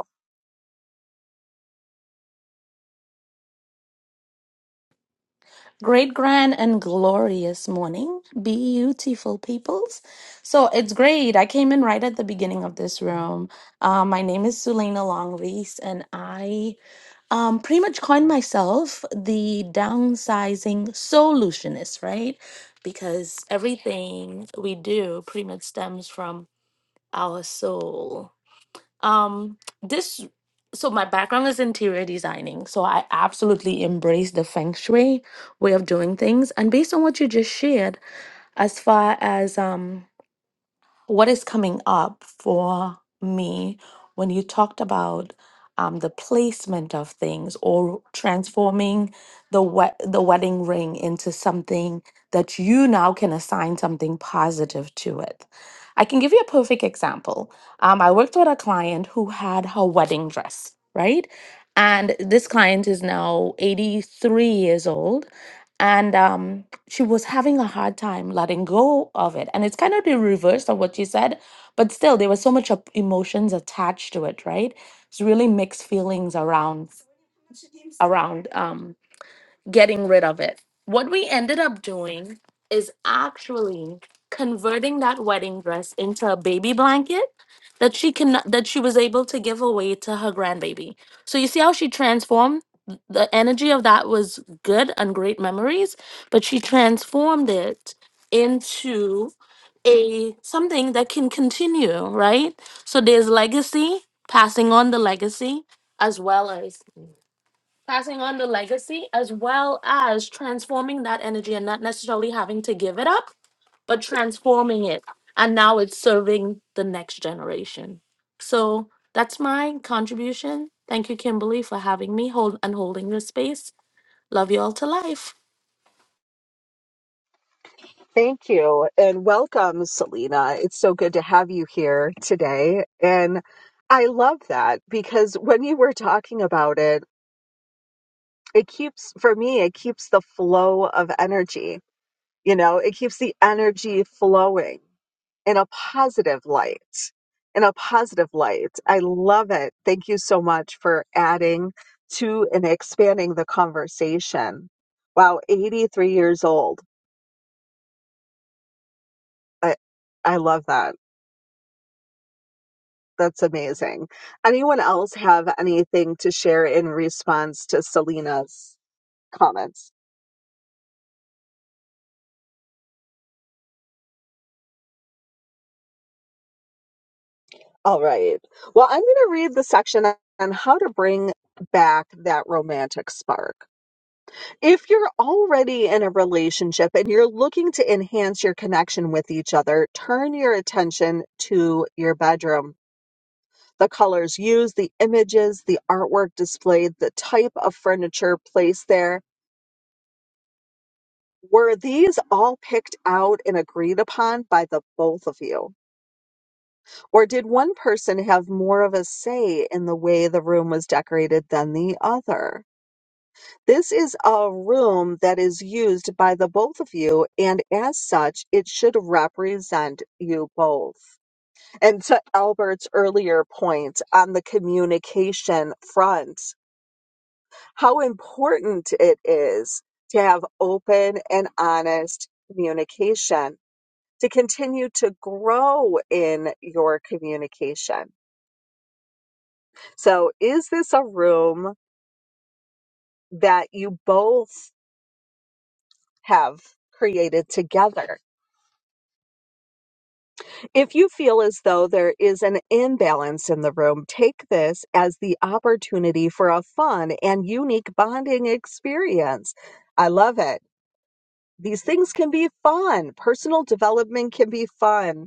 S6: Great, grand, and glorious morning, beautiful peoples. So it's great. I came in right at the beginning of this room. Uh, my name is Sulaina Longreese, and I um, pretty much coined myself the downsizing solutionist, right? Because everything we do pretty much stems from our soul um this so my background is interior designing so i absolutely embrace the feng shui way of doing things and based on what you just shared as far as um what is coming up for me when you talked about um, the placement of things or transforming the we- the wedding ring into something that you now can assign something positive to it. I can give you a perfect example. Um, I worked with a client who had her wedding dress, right? And this client is now 83 years old and um, she was having a hard time letting go of it. And it's kind of the reverse of what you said, but still, there was so much of emotions attached to it, right? It's really mixed feelings around around um, getting rid of it. What we ended up doing is actually converting that wedding dress into a baby blanket that she can that she was able to give away to her grandbaby. So you see how she transformed the energy of that was good and great memories, but she transformed it into a something that can continue, right? So there's legacy, passing on the legacy as well as passing on the legacy as well as transforming that energy and not necessarily having to give it up, but transforming it. And now it's serving the next generation. So that's my contribution. Thank you, Kimberly, for having me hold and holding this space. Love you all to life.
S2: Thank you and welcome, Selena. It's so good to have you here today. And I love that because when you were talking about it, it keeps, for me, it keeps the flow of energy. You know, it keeps the energy flowing in a positive light. In a positive light. I love it. Thank you so much for adding to and expanding the conversation. Wow, 83 years old. I, I love that. That's amazing. Anyone else have anything to share in response to Selena's comments? All right. Well, I'm going to read the section on how to bring back that romantic spark. If you're already in a relationship and you're looking to enhance your connection with each other, turn your attention to your bedroom. The colors used, the images, the artwork displayed, the type of furniture placed there, Were these all picked out and agreed upon by the both of you? Or did one person have more of a say in the way the room was decorated than the other? This is a room that is used by the both of you, and as such, it should represent you both. And to Albert's earlier point on the communication front, how important it is to have open and honest communication to continue to grow in your communication. So, is this a room that you both have created together? If you feel as though there is an imbalance in the room, take this as the opportunity for a fun and unique bonding experience. I love it. These things can be fun. Personal development can be fun.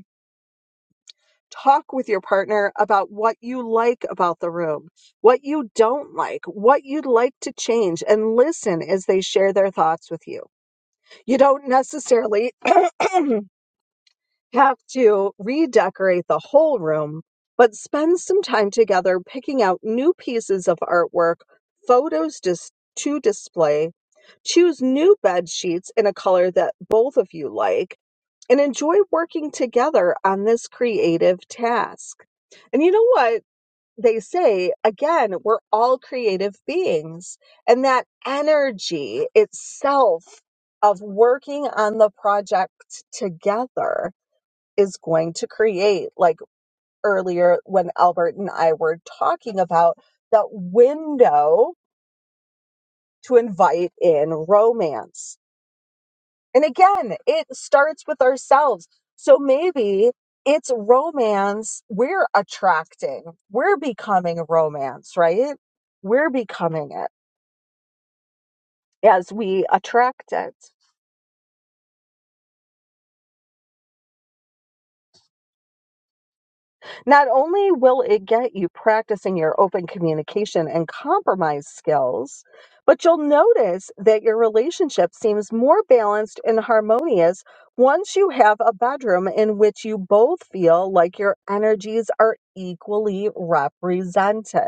S2: talk with your partner about what you like about the room, what you don't like, what you'd like to change, and listen as they share their thoughts with you. You don't necessarily have to redecorate the whole room, but spend some time together picking out new pieces of artwork, photos dis- to display. Choose new bed sheets in a color that both of you like and enjoy working together on this creative task. And you know what they say? Again, we're all creative beings, and that energy itself of working on the project together is going to create, like earlier when Albert and I were talking about, that window to invite in romance And again, it starts with ourselves. So maybe it's romance we're attracting. We're becoming romance, right? We're becoming it as we attract it. Not only will it get you practicing your open communication and compromise skills, but you'll notice that your relationship seems more balanced and harmonious once you have a bedroom in which you both feel like your energies are equally represented.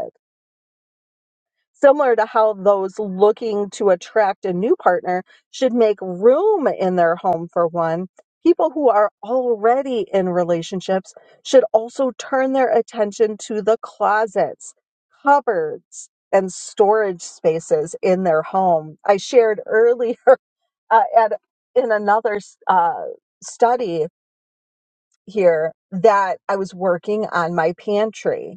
S2: Similar to how those looking to attract a new partner should make room in their home for one, people who are already in relationships should also turn their attention to the closets, cupboards, and storage spaces in their home. I shared earlier uh, at, in another uh, study here that I was working on my pantry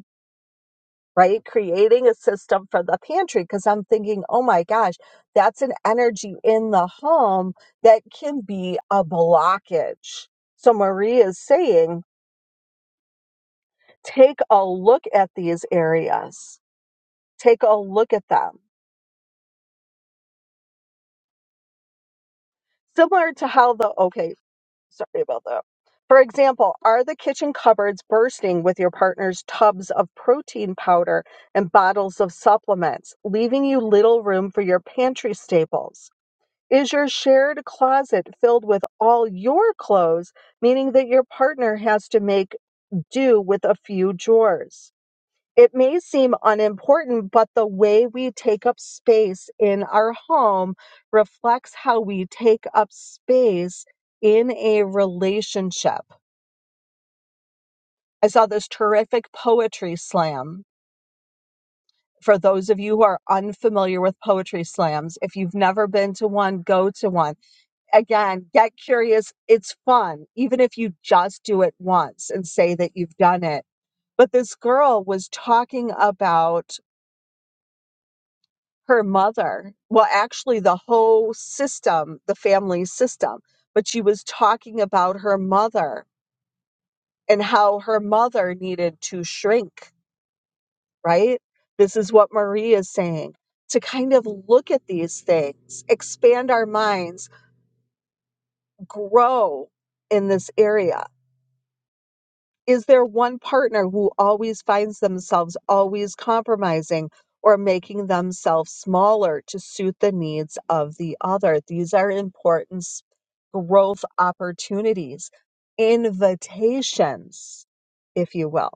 S2: right? Creating a system for the pantry because I'm thinking, oh my gosh, that's an energy in the home that can be a blockage. So Marie is saying, take a look at these areas, take a look at them. Similar to how the, okay, sorry about that. For example, are the kitchen cupboards bursting with your partner's tubs of protein powder and bottles of supplements, leaving you little room for your pantry staples? Is your shared closet filled with all your clothes, meaning that your partner has to make do with a few drawers? It may seem unimportant, but the way we take up space in our home reflects how we take up space in a relationship. I saw this terrific poetry slam. For those of you who are unfamiliar with poetry slams, if you've never been to one, go to one again, get curious. It's fun, even if you just do it once and say that you've done it. But this girl was talking about her mother. Well, actually, the whole system, the family system, but she was talking about her mother and how her mother needed to shrink, right? This is what Marie is saying to kind of look at these things, expand our minds, grow in this area Is there one partner who always finds themselves always compromising or making themselves smaller to suit the needs of the other? These are important s- growth opportunities, invitations, if you will.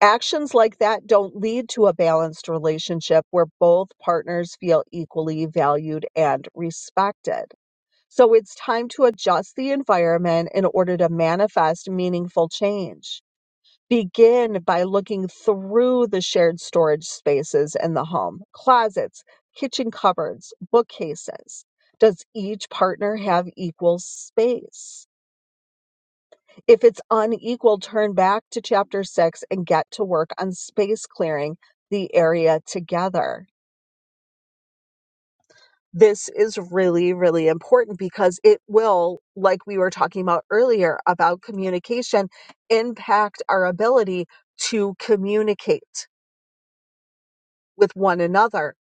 S2: Actions like that don't lead to a balanced relationship where both partners feel equally valued and respected. So it's time to adjust the environment in order to manifest meaningful change Begin by looking through the shared storage spaces in the home closets, kitchen cupboards, bookcases. Does each partner have equal space? If it's unequal, turn back to chapter six and get to work on space clearing the area together. This is really, really important because it will, like we were talking about earlier about communication, impact our ability to communicate with one another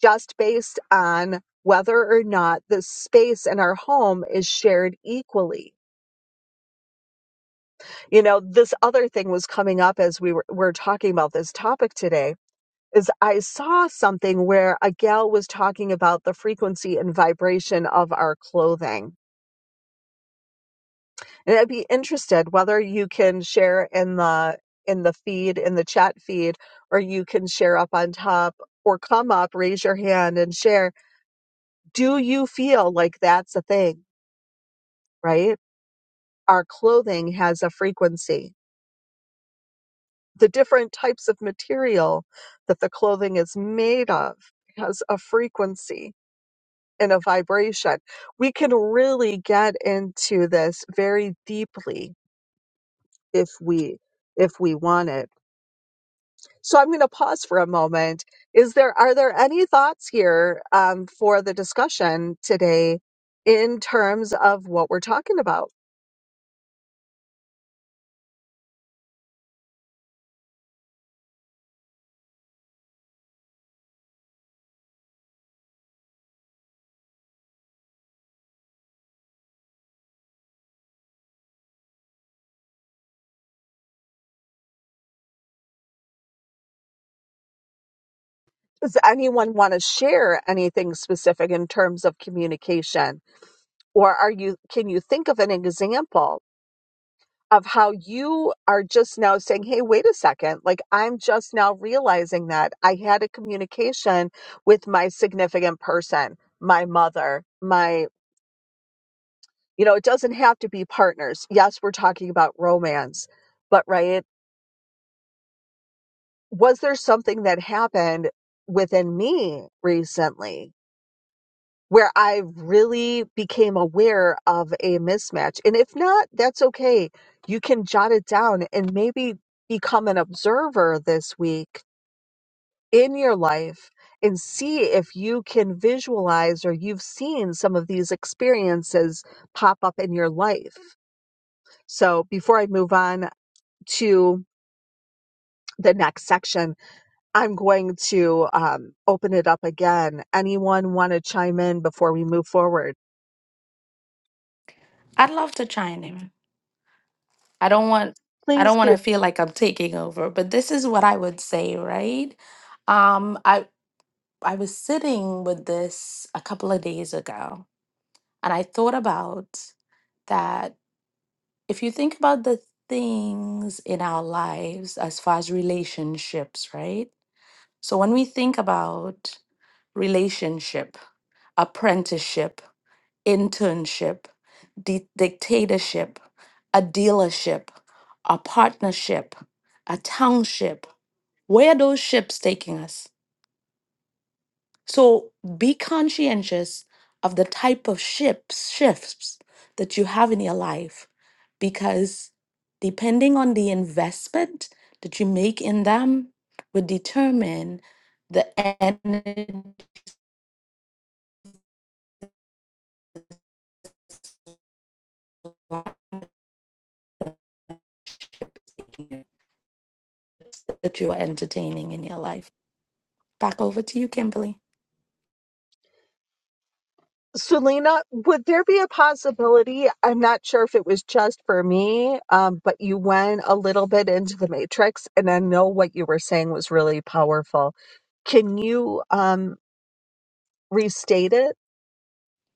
S2: just based on whether or not the space in our home is shared equally. You know, this other thing was coming up as we were, were talking about this topic today is I saw something where a gal was talking about the frequency and vibration of our clothing. And I'd be interested whether you can share in the in the feed, in the chat feed, or you can share up on top or come up, raise your hand and share. Do you feel like that's a thing? Right our clothing has a frequency. The different types of material that the clothing is made of has a frequency and a vibration. We can really get into this very deeply if we if we want it. So I'm going to pause for a moment. Is there are there any thoughts here um, for the discussion today in terms of what we're talking about? Does anyone want to share anything specific in terms of communication? or are you can you think of an example of how you are just now saying hey wait a second like i'm just now realizing that i had a communication with my significant person my mother my you know it doesn't have to be partners yes we're talking about romance but right was there something that happened within me recently where I really became aware of a mismatch. And if not, that's okay. You can jot it down and maybe become an observer this week in your life and see if you can visualize or you've seen some of these experiences pop up in your life. So before I move on to the next section, I'm going to um, open it up again. Anyone want to chime in before we move forward?
S6: I'd love to chime in. I don't want I
S2: Please
S6: don't
S2: do.
S6: want to feel like I'm taking over, but this is what I would say, right? Um I I was sitting with this a couple of days ago And I thought about that if you think about the things in our lives as far as relationships, right? So when we think about relationship, apprenticeship, internship, di- dictatorship, a dealership, a partnership, a township, where are those ships taking us? So be conscientious of the type of shifts shifts that you have in your life because depending on the investment that you make in them would determine the energy that you are entertaining in your life. Back over to you, Kimberly.
S2: Selena, would there be a possibility? I'm not sure if it was just for me, um, but you went a little bit into the matrix, and I know what you were saying was really powerful. Can you um, restate it?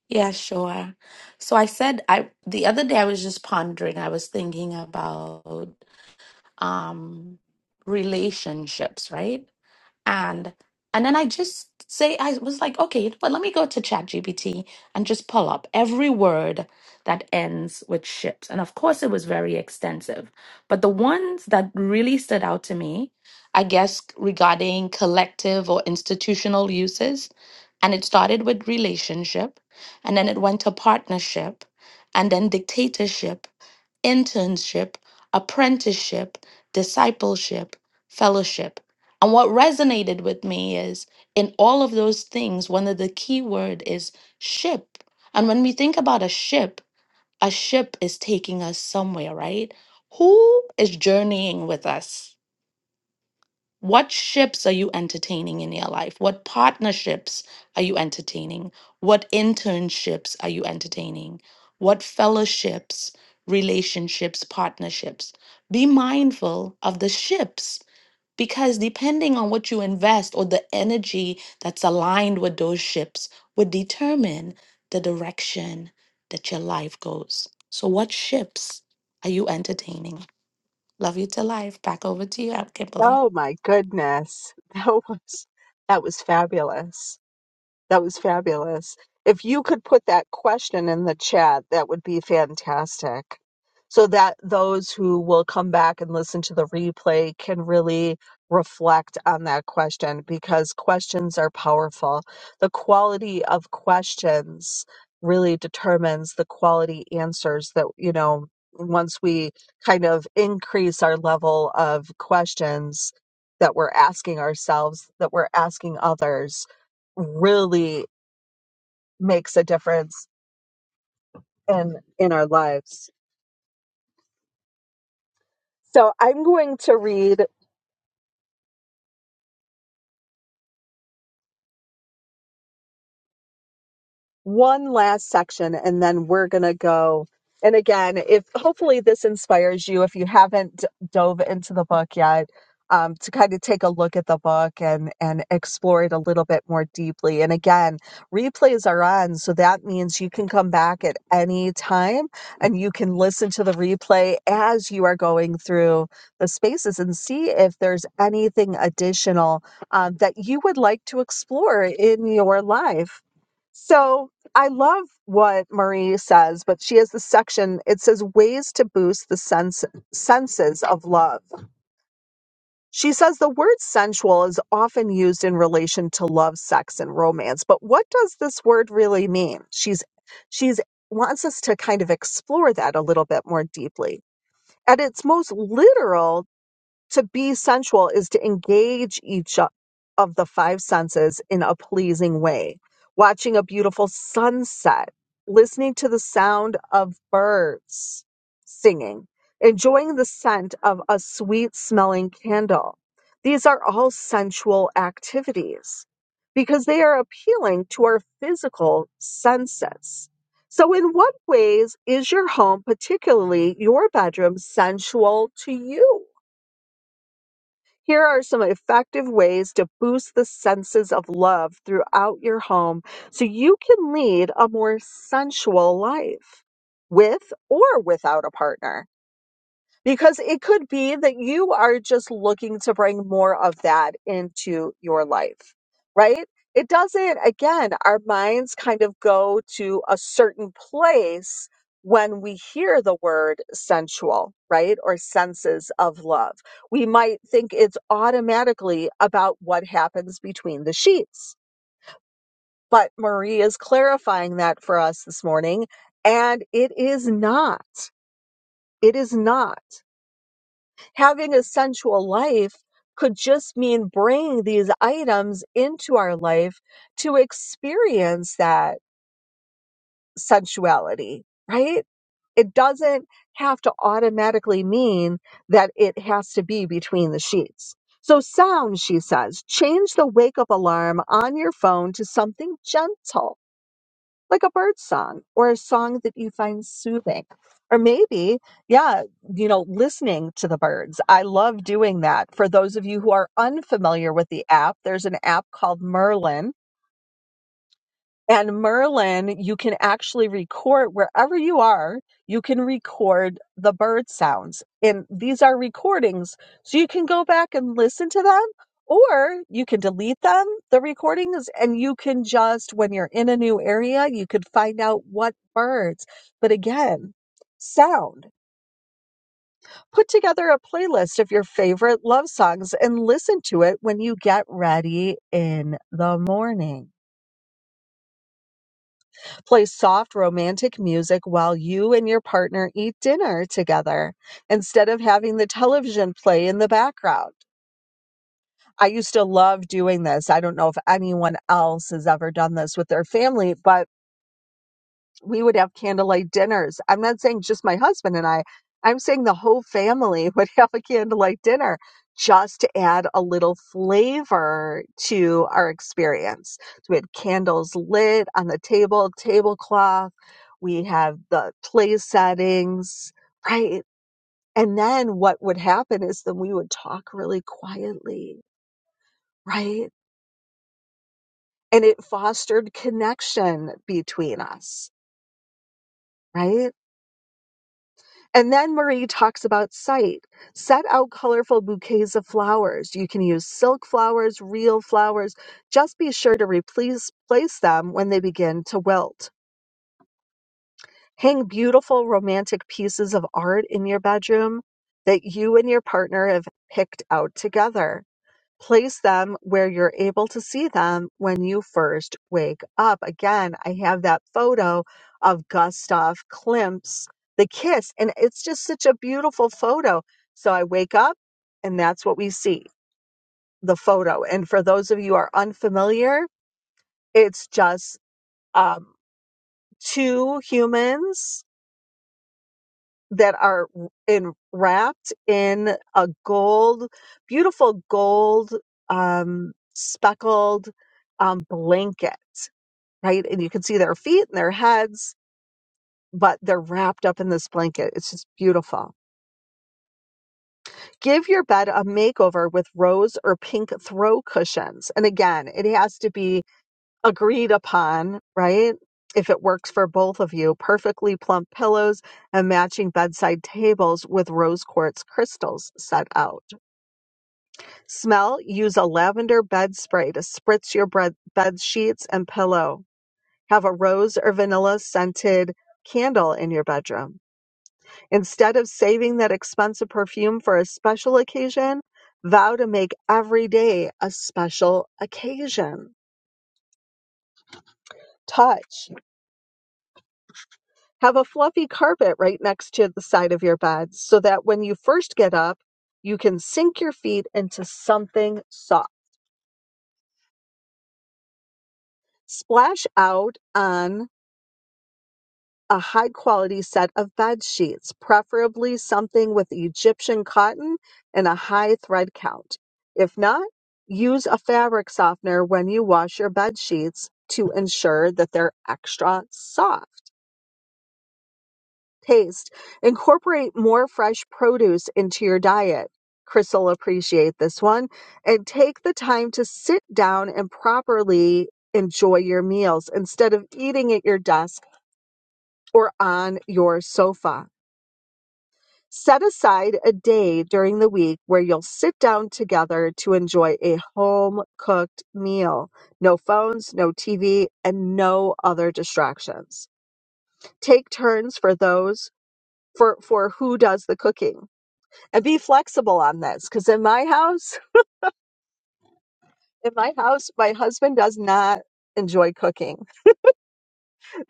S6: Yeah, sure. So I said I the other day I was just pondering, I was thinking about um relationships, right? and and then I just say I was like, okay, but let me go to ChatGPT and just pull up every word that ends with ships. And of course, it was very extensive, but the ones that really stood out to me, I guess, regarding collective or institutional uses, and it started with relationship, and then it went to partnership, and then dictatorship internship, apprenticeship, discipleship, fellowship. And what resonated with me is in all of those things, one of the key word is ship. And when we think about a ship, a ship is taking us somewhere, right? Who is journeying with us? What ships are you entertaining in your life? What partnerships are you entertaining? What internships are you entertaining? What fellowships, relationships, partnerships? Be mindful of the ships because depending on what you invest or the energy that's aligned with those ships would determine the direction that your life goes. So, what ships are you entertaining? Love you to life. Back over to you, Kimberly.
S2: Oh my goodness, that was that was fabulous. That was fabulous. If you could put that question in the chat, that would be fantastic. So that those who will come back and listen to the replay can really reflect on that question because questions are powerful. The quality of questions really determines the quality answers that, you know, once we kind of increase our level of questions that we're asking ourselves, that we're asking others, really makes a difference in in our lives. So I'm going to read one last section and then we're going to go. And again, if hopefully this inspires you, if you haven't d- dove into the book yet, um, to kind of take a look at the book and, and explore it a little bit more deeply. And again, replays are on. So that means you can come back at any time and you can listen to the replay as you are going through the spaces and see if there's anything additional um, that you would like to explore in your life. So, I love what Marie says, but she has this section. It says ways to boost the sense, senses of love. She says the word sensual is often used in relation to love, sex, and romance. But what does this word really mean? She's she's wants us to kind of explore that a little bit more deeply. At its most literal to be sensual is to engage each o- of the five senses in a pleasing way. Watching a beautiful sunset, listening to the sound of birds singing, enjoying the scent of a sweet smelling candle. These are all sensual activities because they are appealing to our physical senses. So, in what ways is your home, particularly your bedroom, sensual to you? Here are some effective ways to boost the senses of love throughout your home so you can lead a more sensual life with or without a partner. Because it could be that you are just looking to bring more of that into your life, right? It doesn't, again, our minds kind of go to a certain place when we hear the word sensual, right? Or senses of love. We might think it's automatically about what happens between the sheets. But Marie is clarifying that for us this morning, and it is not. It is not. Having a sensual life could just mean bringing these items into our life to experience that sensuality, right? It doesn't have to automatically mean that it has to be between the sheets. So, sound, she says, change the wake up alarm on your phone to something gentle like a bird song or a song that you find soothing. Or maybe, yeah, you know, listening to the birds. I love doing that. For those of you who are unfamiliar with the app, there's an app called Merlin and Merlin, you can actually record wherever you are, you can record the bird sounds. And these are recordings. So you can go back and listen to them, or you can delete them, the recordings, and you can just, when you're in a new area, you could find out what birds. But again, sound. Put together a playlist of your favorite love songs and listen to it when you get ready in the morning. Play soft romantic music while you and your partner eat dinner together instead of having the television play in the background. I used to love doing this. I don't know if anyone else has ever done this with their family, but we would have candlelight dinners. I'm not saying just my husband and I. I'm saying the whole family would have a candlelight dinner just to add a little flavor to our experience. So we had candles lit on the table, tablecloth. We have the play settings, right? And then what would happen is then we would talk really quietly, right? And it fostered connection between us, right? And then Marie talks about sight. Set out colorful bouquets of flowers. You can use silk flowers, real flowers. Just be sure to replace place them when they begin to wilt. Hang beautiful romantic pieces of art in your bedroom that you and your partner have picked out together. Place them where you're able to see them when you first wake up. Again, I have that photo of Gustav Klimt's The Kiss, and it's just such a beautiful photo. So I wake up, and that's what we see the photo. And for those of you who are unfamiliar, it's just um, two humans that are in, wrapped in a gold, beautiful gold um, speckled um, blanket, right? And you can see their feet and their heads, but they're wrapped up in this blanket. It's just beautiful. Give your bed a makeover with rose or pink throw cushions. And again, it has to be agreed upon, right? If it works for both of you, perfectly plump pillows and matching bedside tables with rose quartz crystals set out. Smell, use a lavender bed spray to spritz your bread, bed sheets and pillow. Have a rose or vanilla scented candle in your bedroom. Instead of saving that expensive perfume for a special occasion, vow to make every day a special occasion. Touch. Have a fluffy carpet right next to the side of your bed so that when you first get up, you can sink your feet into something soft. Splash out on a high quality set of bed sheets, preferably something with Egyptian cotton and a high thread count. If not, use a fabric softener when you wash your bed sheets to ensure that they're extra soft. Taste. Incorporate more fresh produce into your diet. Chris will appreciate this one. And take the time to sit down and properly enjoy your meals instead of eating at your desk or on your sofa. Set aside a day during the week where you'll sit down together to enjoy a home cooked meal. No phones, no TV, and no other distractions. Take turns for those for, for who does the cooking. and be flexible on this because in my house in my house my husband does not enjoy cooking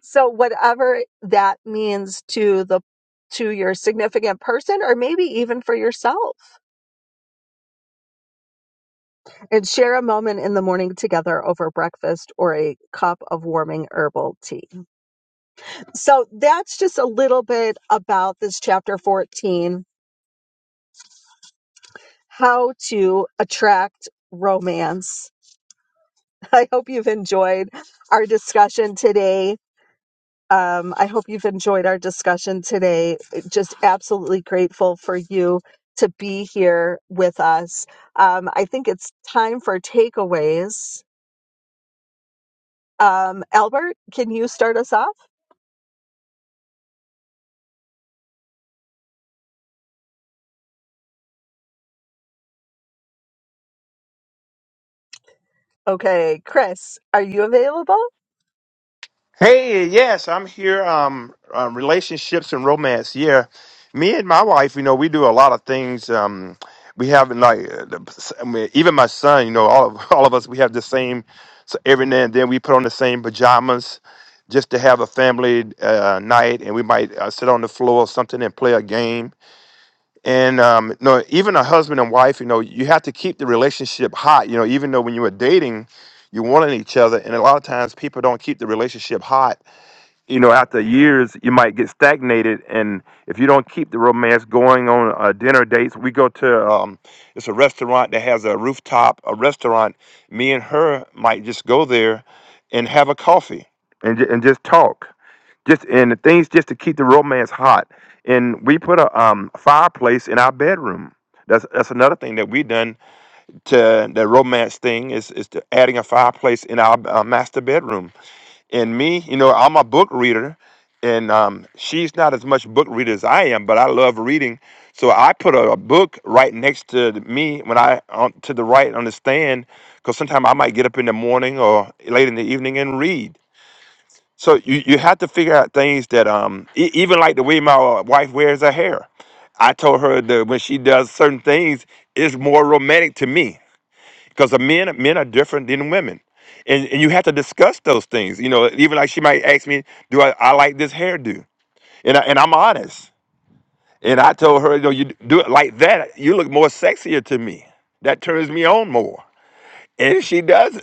S2: so whatever that means to the to your significant person or maybe even for yourself and share a moment in the morning together over breakfast or a cup of warming herbal tea so that's just a little bit about this chapter 14 how to attract romance i hope you've enjoyed our discussion today Um, I hope you've enjoyed our discussion today. Just absolutely grateful for you to be here with us. Um, I think it's time for takeaways. Um, Albert, can you start us off? Okay, Chris, are you available?
S4: Hey, yes, I'm here. Um, uh, relationships and romance. Yeah, me and my wife, you know, we do a lot of things. Um, we have like uh, the, I mean, even my son, you know, all of all of us, we have the same. So every now and then, we put on the same pajamas just to have a family uh, night, and we might uh, sit on the floor or something and play a game. And um, you know, even a husband and wife, you know, you have to keep the relationship hot. You know, even though when you were dating, you wanted each other, and a lot of times people don't keep the relationship hot you know, after years, you might get stagnated, and if you don't keep the romance going on uh, dinner dates, we go to um, it's a restaurant that has a rooftop, a restaurant. Me and her might just go there and have a coffee and ju- and just talk, just and the things just to keep the romance hot. And we put a um, fireplace in our bedroom. That's that's another thing that we done to the romance thing is is to adding a fireplace in our uh, master bedroom and me, you know, I'm a book reader, and um, she's not as much book reader as I am, but I love reading. So I put a, a book right next to me when I on, to the right on the stand, because sometimes I might get up in the morning or late in the evening and read. So you, you have to figure out things that um e- even like the way my uh, wife wears her hair. I told her that when she does certain things, it's more romantic to me because the men men are different than women, and and you have to discuss those things. You know, even like she might ask me, "Do I, I like this hairdo?" And I, and I'm honest, and I told her, "You know, you do it like that, you look more sexier to me. That turns me on more." And she does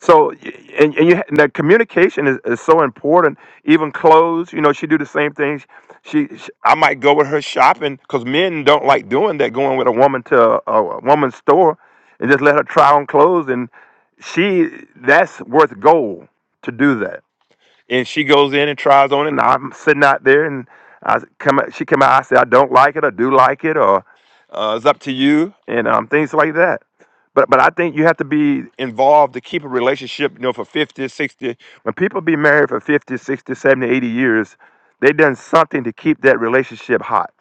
S4: so y- and, and you and the communication is, is so important. Even clothes, you know, she do the same things. She, she I might go with her shopping because men don't like doing that. Going with a woman to a, a woman's store and just let her try on clothes, and she that's worth gold to do that and she goes in and tries on it and i'm sitting out there and i come she come out i say i don't like it or do like it or uh, it's up to you and um, things like that but but i think you have to be involved to keep a relationship you know for 50, 60. when people be married for 50, 60, 70, 80 years they done something to keep that relationship hot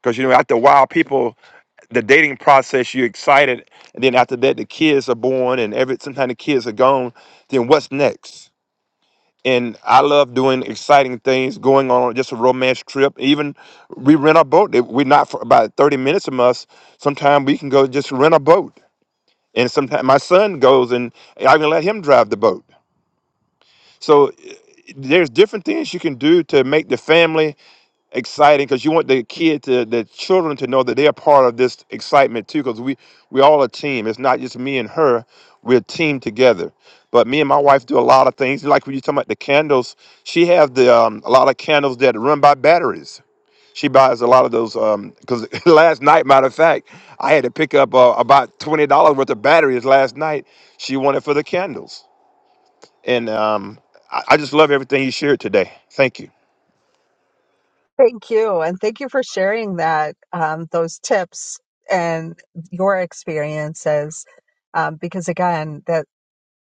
S4: because you know after a while people the dating process you're excited and then after that the kids are born and every sometimes the kids are gone then what's next and I love doing exciting things, going on just a romance trip. Even we rent a boat. If We're not for about thirty minutes from us. Sometimes we can go just rent a boat, and sometimes my son goes and I can let him drive the boat. So eh, there's different things you can do to make the family exciting because you want the kid to the children to know that they're part of this excitement too because we we all a team it's not just me and her we're a team together but me and my wife do a lot of things like when you talking about the candles she has the um, a lot of candles that run by batteries she buys a lot of those um because last night matter of fact i had to pick up uh, about $20 worth of batteries last night she wanted for the candles and um, I, I just love everything you shared today thank you
S2: Thank you, and thank you for sharing that um, those tips and your experiences. Um, because again, that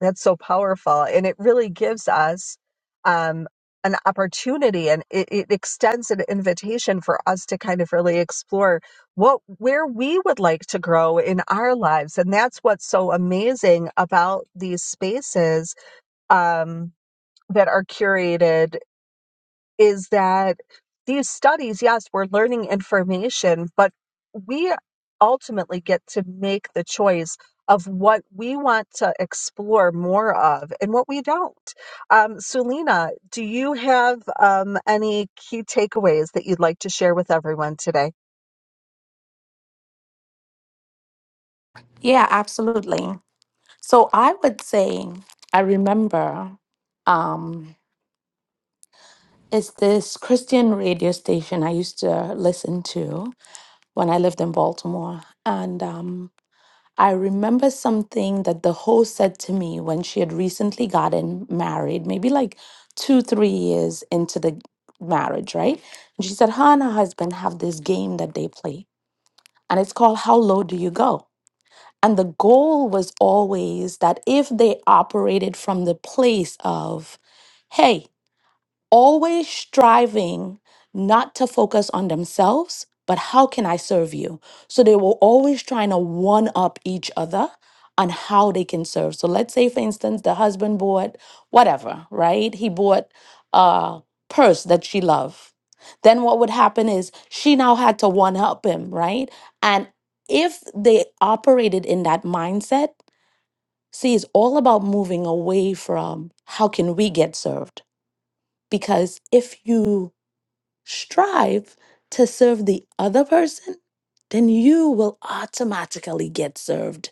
S2: That's so powerful. And it really gives us um, an opportunity and it, it extends an invitation for us to kind of really explore what where we would like to grow in our lives. And that's what's so amazing about these spaces um, that are curated is that these studies, yes, we're learning information, but we ultimately get to make the choice of what we want to explore more of and what we don't. Um, Sulina, do you have um, any key takeaways that you'd like to share with everyone today?
S6: Yeah, absolutely. So I would say I remember um it's this Christian radio station I used to listen to when I lived in Baltimore. And um I remember something that the host said to me when she had recently gotten married, maybe like two, three years into the marriage, right? And she said, Her and her husband have this game that they play, and it's called How Low Do You Go? And the goal was always that if they operated from the place of, hey, always striving not to focus on themselves, but how can I serve you? So they were always trying to one up each other on how they can serve. So let's say, for instance, the husband bought whatever, right? He bought a purse that she loved. Then what would happen is she now had to one up him, right? And if they operated in that mindset, see, it's all about moving away from how can we get served because if you strive to serve the other person, then you will automatically get served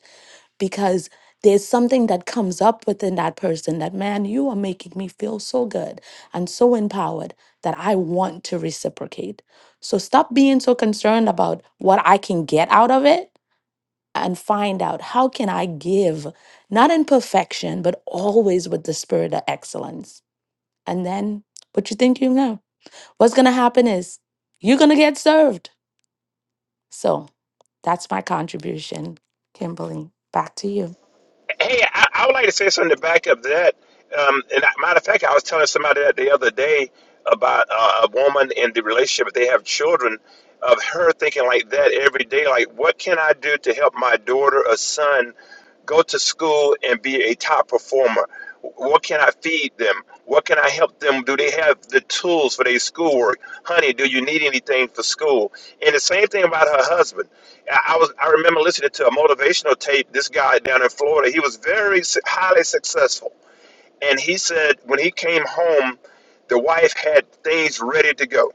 S6: because there's something that comes up within that person that, man, you are making me feel so good and so empowered that I want to reciprocate. So stop being so concerned about what I can get out of it and find out how can I give, not in perfection, but always with the spirit of excellence. And then what you think you know what's going to happen is you're going to get served. So that's my contribution, Kimberly. Back to you.
S4: Hey, I, I would like to say something to back up that. Um, and I, matter of fact, I was telling somebody that the other day about uh, a woman in the relationship they have children, of her thinking like that every day, like what can I do to help my daughter or son go to school and be a top performer? What can I feed them? What can I help them? Do they have the tools for their schoolwork? Honey, do you need anything for school? And the same thing about her husband. I I was I remember listening to a motivational tape. This guy down in Florida, he was very su- highly successful, and he said when he came home, the wife had things ready to go.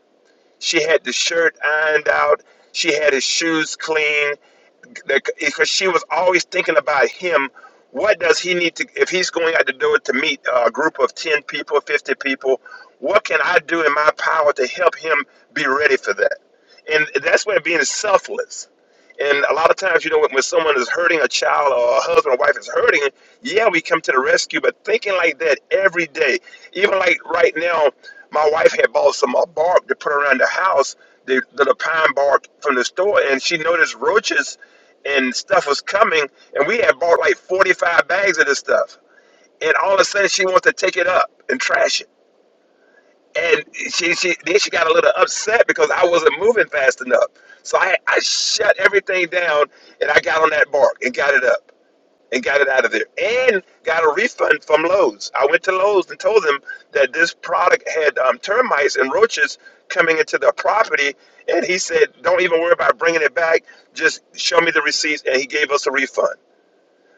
S4: She had the shirt ironed out. She had his shoes clean because she was always thinking about him. What does he need to if he's going out the door to meet a group of ten people, fifty people? What can I do in my power to help him be ready for that? And that's where being selfless. And a lot of times, you know, when, when someone is hurting a child or a husband or wife is hurting, yeah, we come to the rescue. But thinking like that every day, even like right now, my wife had bought some uh, bark to put around the house, the, the, the pine bark from the store, and she noticed roaches and stuff was coming, and we had bought like 45 bags of this stuff. And all of a sudden, she wants to take it up and trash it and she she then she got a little upset because I wasn't moving fast enough. So I I shut everything down and I got on that bark and got it up and got it out of there and got a refund from Lowe's. I went to Lowe's and told them that this product had um, termites and roaches coming into the property and he said don't even worry about bringing it back just show me the receipts and he gave us a refund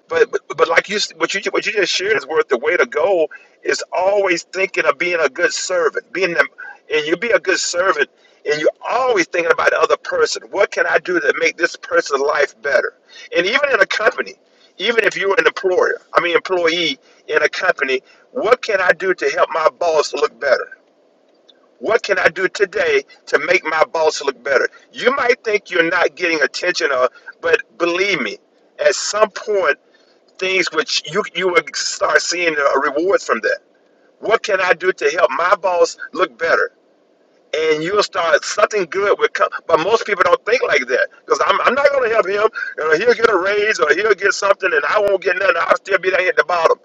S4: but, but but like you what you what you just shared is worth the way to go is always thinking of being a good servant, being them, and you be a good servant, and you're always thinking about the other person. What can I do to make this person's life better? And even in a company, even if you're an employer, I mean employee in a company, what can I do to help my boss look better? What can I do today to make my boss look better? You might think you're not getting attention, or, but believe me, at some point things which you you will start seeing uh, rewards from that. What can I do to help my boss look better? And you'll start something good will come. But most people don't think like that because I'm, I'm not going to help him. You know, he'll get a raise or he'll get something, and I won't get nothing. I'll still be down here at the bottom.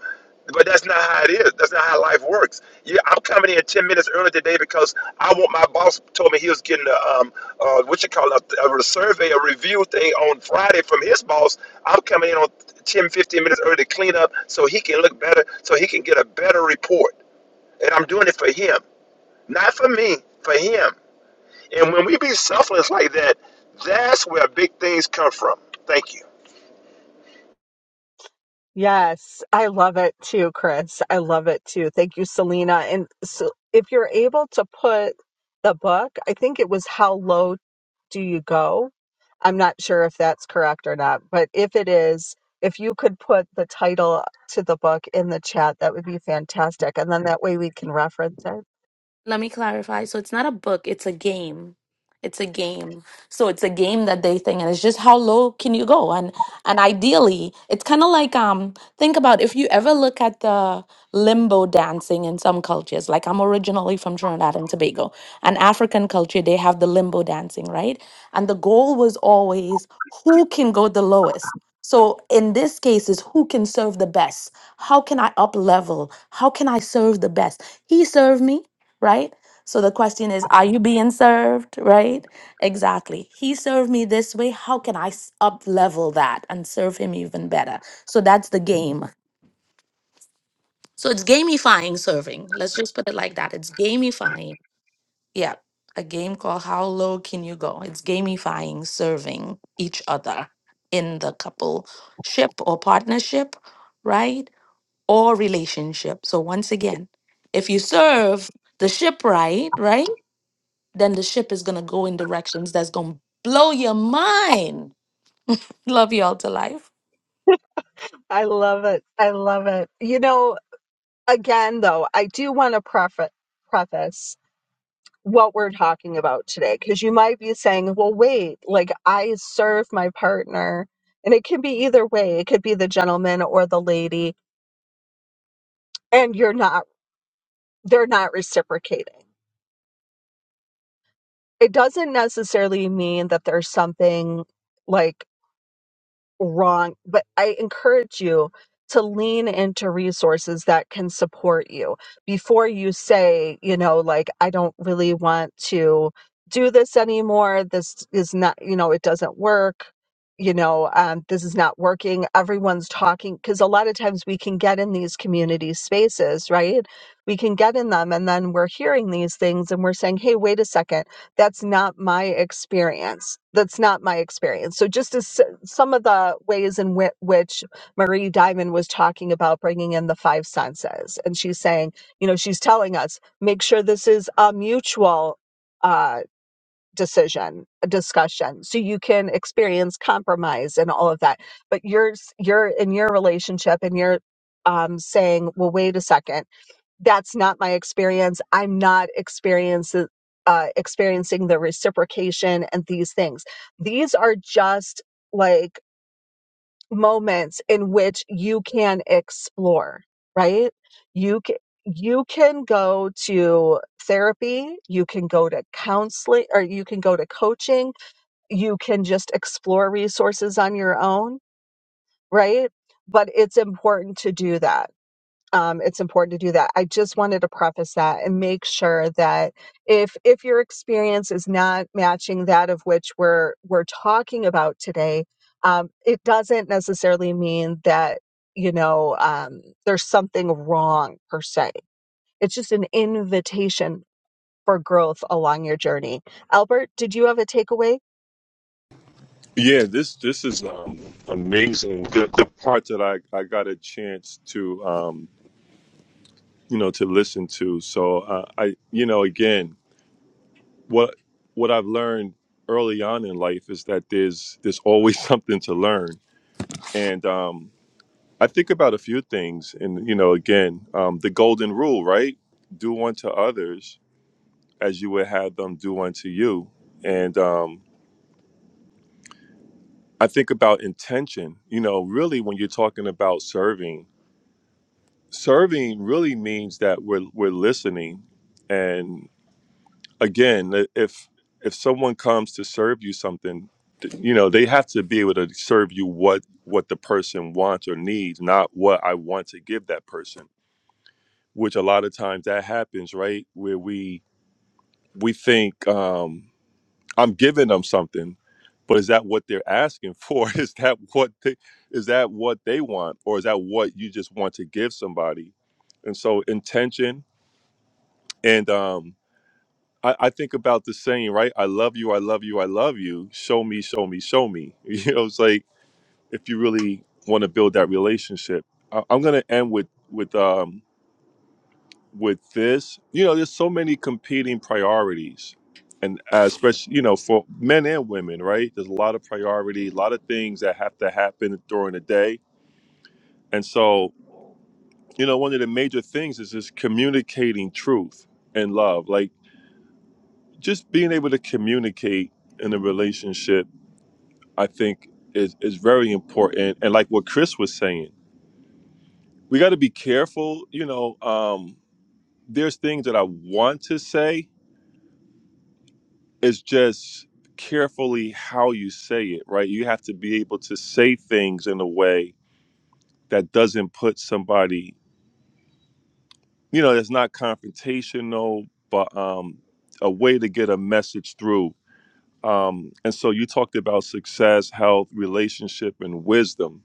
S4: But that's not how it is. That's not how life works. Yeah, I'm coming in ten minutes early today because I want my boss told me he was getting a um uh, what you call it, a, a survey, a review thing on Friday from his boss. I'm coming in on 10, 15 minutes early to clean up so he can look better, so he can get a better report. And I'm doing it for him, not for me, for him. And when we be selfless like that, that's where big things come from. Thank you.
S2: Yes, I love it too, Chris. I love it too. Thank you, Selena. And so if you're able to put the book, I think it was How Low Do You Go? I'm not sure if that's correct or not, but if it is, if you could put the title to the book in the chat, that would be fantastic. And then that way we can reference it.
S6: Let me clarify. So it's not a book, it's a game. It's a game. So it's a game that they think and it's just how low can you go? And and ideally, it's kind of like um think about if you ever look at the limbo dancing in some cultures. Like I'm originally from Trinidad and Tobago. And African culture, they have the limbo dancing, right? And the goal was always who can go the lowest. So in this case is who can serve the best? How can I up level? How can I serve the best? He served me right? So the question is, are you being served, right? Exactly. He served me this way. How can I up level that and serve him even better? So that's the game. So it's gamifying serving. Let's just put it like that. It's gamifying. Yeah. A game called How Low Can You Go? It's gamifying serving each other in the couple ship or partnership, right? Or relationship. So once again, if you serve the ship right, right? then the ship is going to go in directions that's going to blow your mind. Love y'all to life.
S2: I love it. I love it. You know, again though i do want to preface preface what we're talking about today because you might be saying well wait like i serve my partner and it can be either way it could be the gentleman or the lady and you're not they're not reciprocating it doesn't necessarily mean that there's something like wrong, but I encourage you to lean into resources that can support you before you say, you know, like, I don't really want to do this anymore. This is not, you know, it doesn't work. You know, um, this is not working. Everyone's talking because a lot of times we can get in these community spaces, right? We can get in them and then we're hearing these things and we're saying, hey, wait a second, that's not my experience. That's not my experience. So just as some of the ways in whi which Marie Diamond was talking about bringing in the five senses. And she's saying, you know, she's telling us, make sure this is a mutual uh, decision, a discussion, so you can experience compromise and all of that. But you're, s- you're in your relationship and you're um, saying, well, wait a second, that's not my experience. I'm not experiencing. Uh, experiencing the reciprocation and these things. These are just like moments in which you can explore, right? You can, you can go to therapy, you can go to counseling or you can go to coaching, you can just explore resources on your own, right? But it's important to do that um, it's important to do that. I just wanted to preface that and make sure that if if your experience is not matching that of which we're we're talking about today, um, it doesn't necessarily mean that you know um, there's something wrong per se. It's just an invitation for growth along your journey. Albert, did you have a takeaway?
S3: yeah this this is um, amazing the, the part that i i got a chance to um you know to listen to so uh, i you know again what what i've learned early on in life is that there's there's always something to learn and um I think about a few things, and you know, again, um, the golden rule, right? Do unto others as you would have them do unto you. And um, I think about intention. You know, really, when you're talking about serving, serving really means that we're we're listening. And again, if if someone comes to serve you something, th- you know, they have to be able to serve you what what the person wants or needs, not what I want to give that person which a lot of times that happens, right? Where we we think um, I'm giving them something, but is that what they're asking for? Is that what they, is that what they want, or is that what you just want to give somebody? And so intention, and um, I, I think about the saying, right? I love you, I love you, I love you. Show me, show me, show me. You know, it's like if you really want to build that relationship. I, I'm gonna end with with um, with this, you know, there's so many competing priorities, and uh, especially you know for men and women, right? There's a lot of priority, a lot of things that have to happen during the day, and so you know, one of the major things is just communicating truth and love, like just being able to communicate in a relationship. I think is is very important, and like what Chris was saying, we got to be careful. You know, um, there's things that I want to say it's just carefully how you say it, right? You have to be able to say things in a way that doesn't put somebody, you know, that's not confrontational, but um, a way to get a message through. Um, and so you talked about success, health, relationship, and wisdom.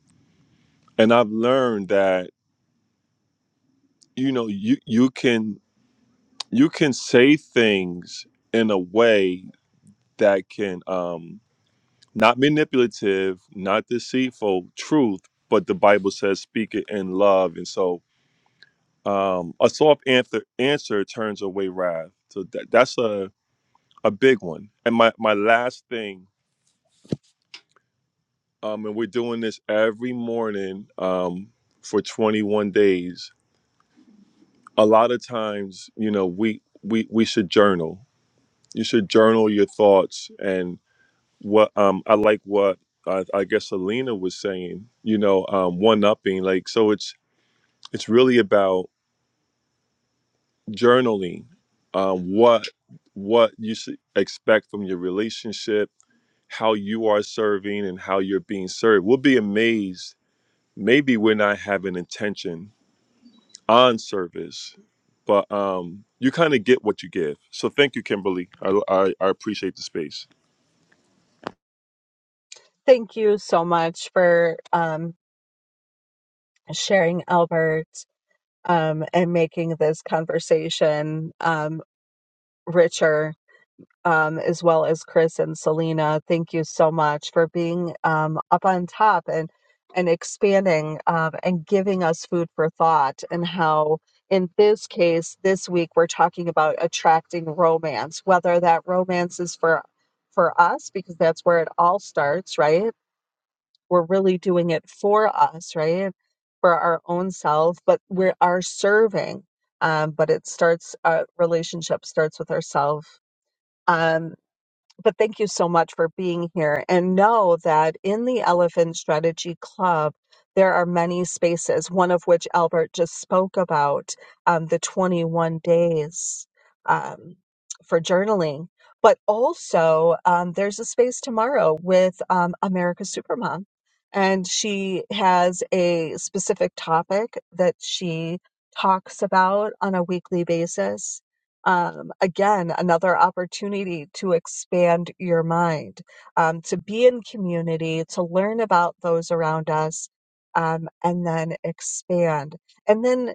S3: And I've learned that you know you you can you can say things in a way that can um, not manipulative, not deceitful, truth, but the Bible says speak it in love. And so um, a soft answer, answer turns away wrath. So that, that's a, a big one. And my, my last thing, um, and we're doing this every morning um, for 21 days. A lot of times, you know, we, we, we should journal. You should journal your thoughts and what um, I like what I, I guess Alina was saying, you know, um, one upping. Like, so it's It's really about journaling um, what what you should expect from your relationship, how you are serving, and how you're being served. We'll be amazed. Maybe we're not having intention on service, but um, you kind of get what you give. So thank you, Kimberly. I, I, I appreciate the space.
S2: Thank you so much for um, sharing, Albert um, and making this conversation. um, Richer, um, as well as Chris and Selena. Thank you so much for being um, up on top and and expanding um, and giving us food for thought. And how, in this case, this week we're talking about attracting romance, whether that romance is for for us because that's where it all starts, right? We're really doing it for us, right? For our own self, but we are serving um, but it starts a relationship starts with ourselves um, but thank you so much for being here. And know that in the Elephant Strategy Club, there are many spaces, one of which Albert just spoke about um, the 21 days um, for journaling. But also, um, there's a space tomorrow with um, America's Supermom. And she has a specific topic that she talks about on a weekly basis um, again, another opportunity to expand your mind, um, to be in community, to learn about those around us, um, and then expand. And then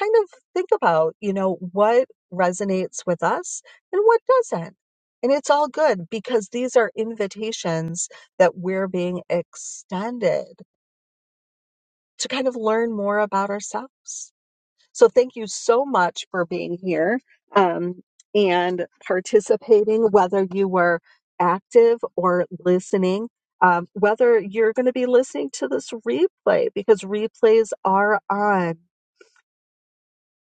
S2: kind of think about, you know, what resonates with us and what doesn't. And it's all good because these are invitations that we're being extended to kind of learn more about ourselves so thank you so much for being here um, and participating, whether you were active or listening, um, whether you're going to be listening to this replay because replays are on.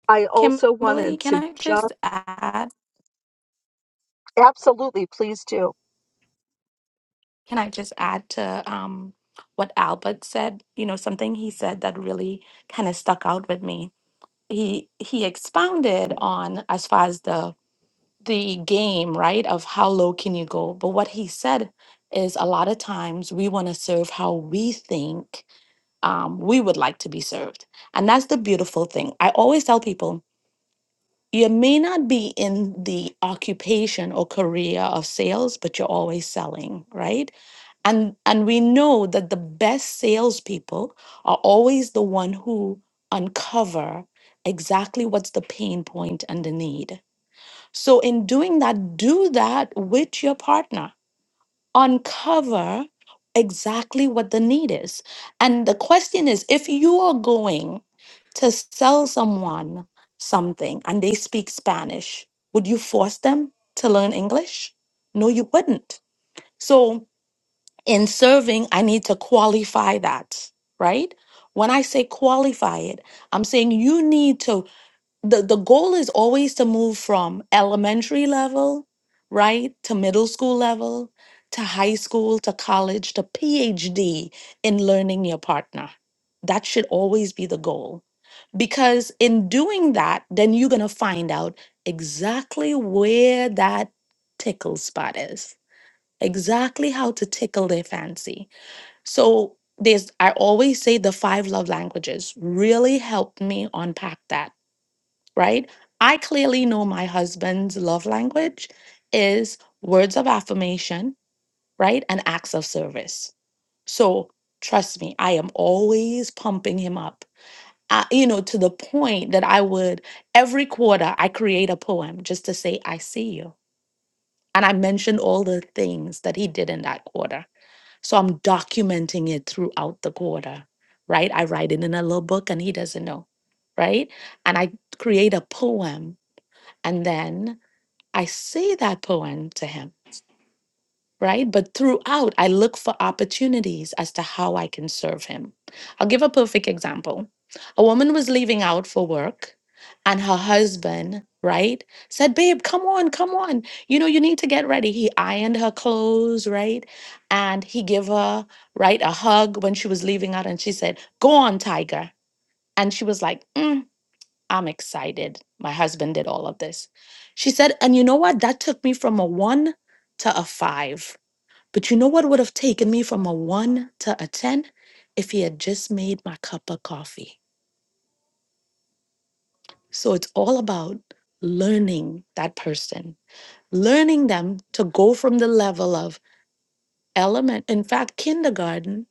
S2: I also
S6: Kimberly,
S2: wanted
S6: can
S2: to
S6: I
S2: just
S6: just add?
S2: absolutely please do.
S6: Can I just add to um, what Albert said? You know, something he said that really kind of stuck out with me. He he expounded on as far as the the game, right? Of how low can you go? But what he said is a lot of times we want to serve how we think um, we would like to be served. And that's the beautiful thing. I always tell people You may not be in the occupation or career of sales, but you're always selling, right? And and we know that the best salespeople are always the one who uncover exactly what's the pain point and the need. So in doing that, do that with your partner uncover exactly what the need is. And the question is if you are going to sell someone something and they speak Spanish, would you force them to learn English? No, you wouldn't. So, in serving, I need to qualify that, right? When I say qualify it, I'm saying you need to the the goal is always to move from elementary level right to middle school level to high school to college to phd in learning your partner that should always be the goal because in doing that then you're going to find out exactly where that tickle spot is exactly how to tickle their fancy so there's i always say the five love languages really helped me unpack that right? I clearly know my husband's love language is words of affirmation, right? And acts of service. So trust me, I am always pumping him up. Uh, you know, to the point that I would every quarter I create a poem just to say I see you, and I mentioned all the things that he did in that quarter. So I'm documenting it throughout the quarter, right? I write it in a little book, and he doesn't know, right? And I create a poem, and then I say that poem to him, right? But throughout, I look for opportunities as to how I can serve him. I'll give a perfect example. A woman was leaving out for work, and her husband, right, said, Babe, come on, come on. You know, you need to get ready. He ironed her clothes, right? And he gave her, right, a hug when she was leaving out, and she said, Go on, tiger. And she was like, "Mm, I'm excited. My husband did all of this. She said, and you know what? That took me from a one to a five. But you know what would have taken me from a one to a 10 if he had just made my cup of coffee? So it's all about learning that person, learning them to go from the level of element, in fact, kindergarten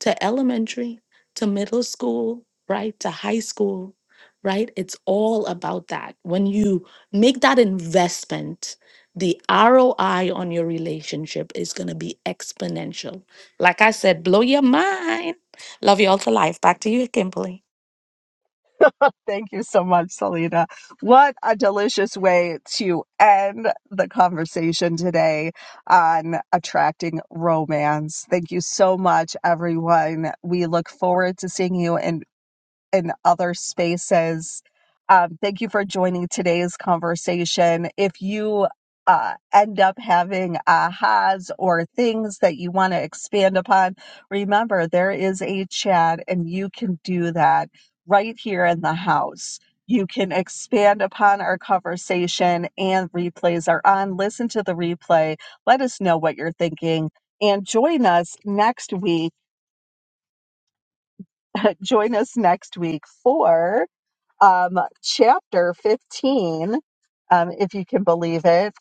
S6: to elementary, to middle school, right? To high school, right? It's all about that. When you make that investment, the ROI on your relationship is going to be exponential. Like I said, blow your mind. Love you all to life. Back to you, Kimberly.
S2: Thank you so much, Selena. What a delicious way to end the conversation today on attracting romance. Thank you so much, everyone. We look forward to seeing you in in other spaces. Um, thank you for joining today's conversation. If you uh, end up having ahas or things that you want to expand upon, remember there is a chat and you can do that right here in the house. You can expand upon our conversation and replays are on. Listen to the replay. Let us know what you're thinking and join us next week. join us next week for um, chapter 15, um, if you can believe it.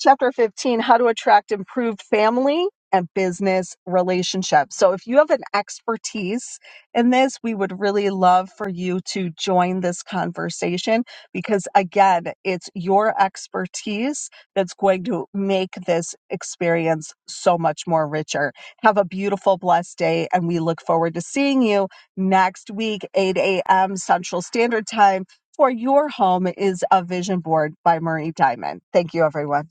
S2: Chapter 15, how to attract improved family and business relationships. So, if you have an expertise in this, we would really love for you to join this conversation because, again, it's your expertise that's going to make this experience so much more richer. Have a beautiful, blessed day, and we look forward to seeing you next week, 8 a.m. Central Standard Time, for your home is a vision board by Marie Diamond. Thank you, everyone.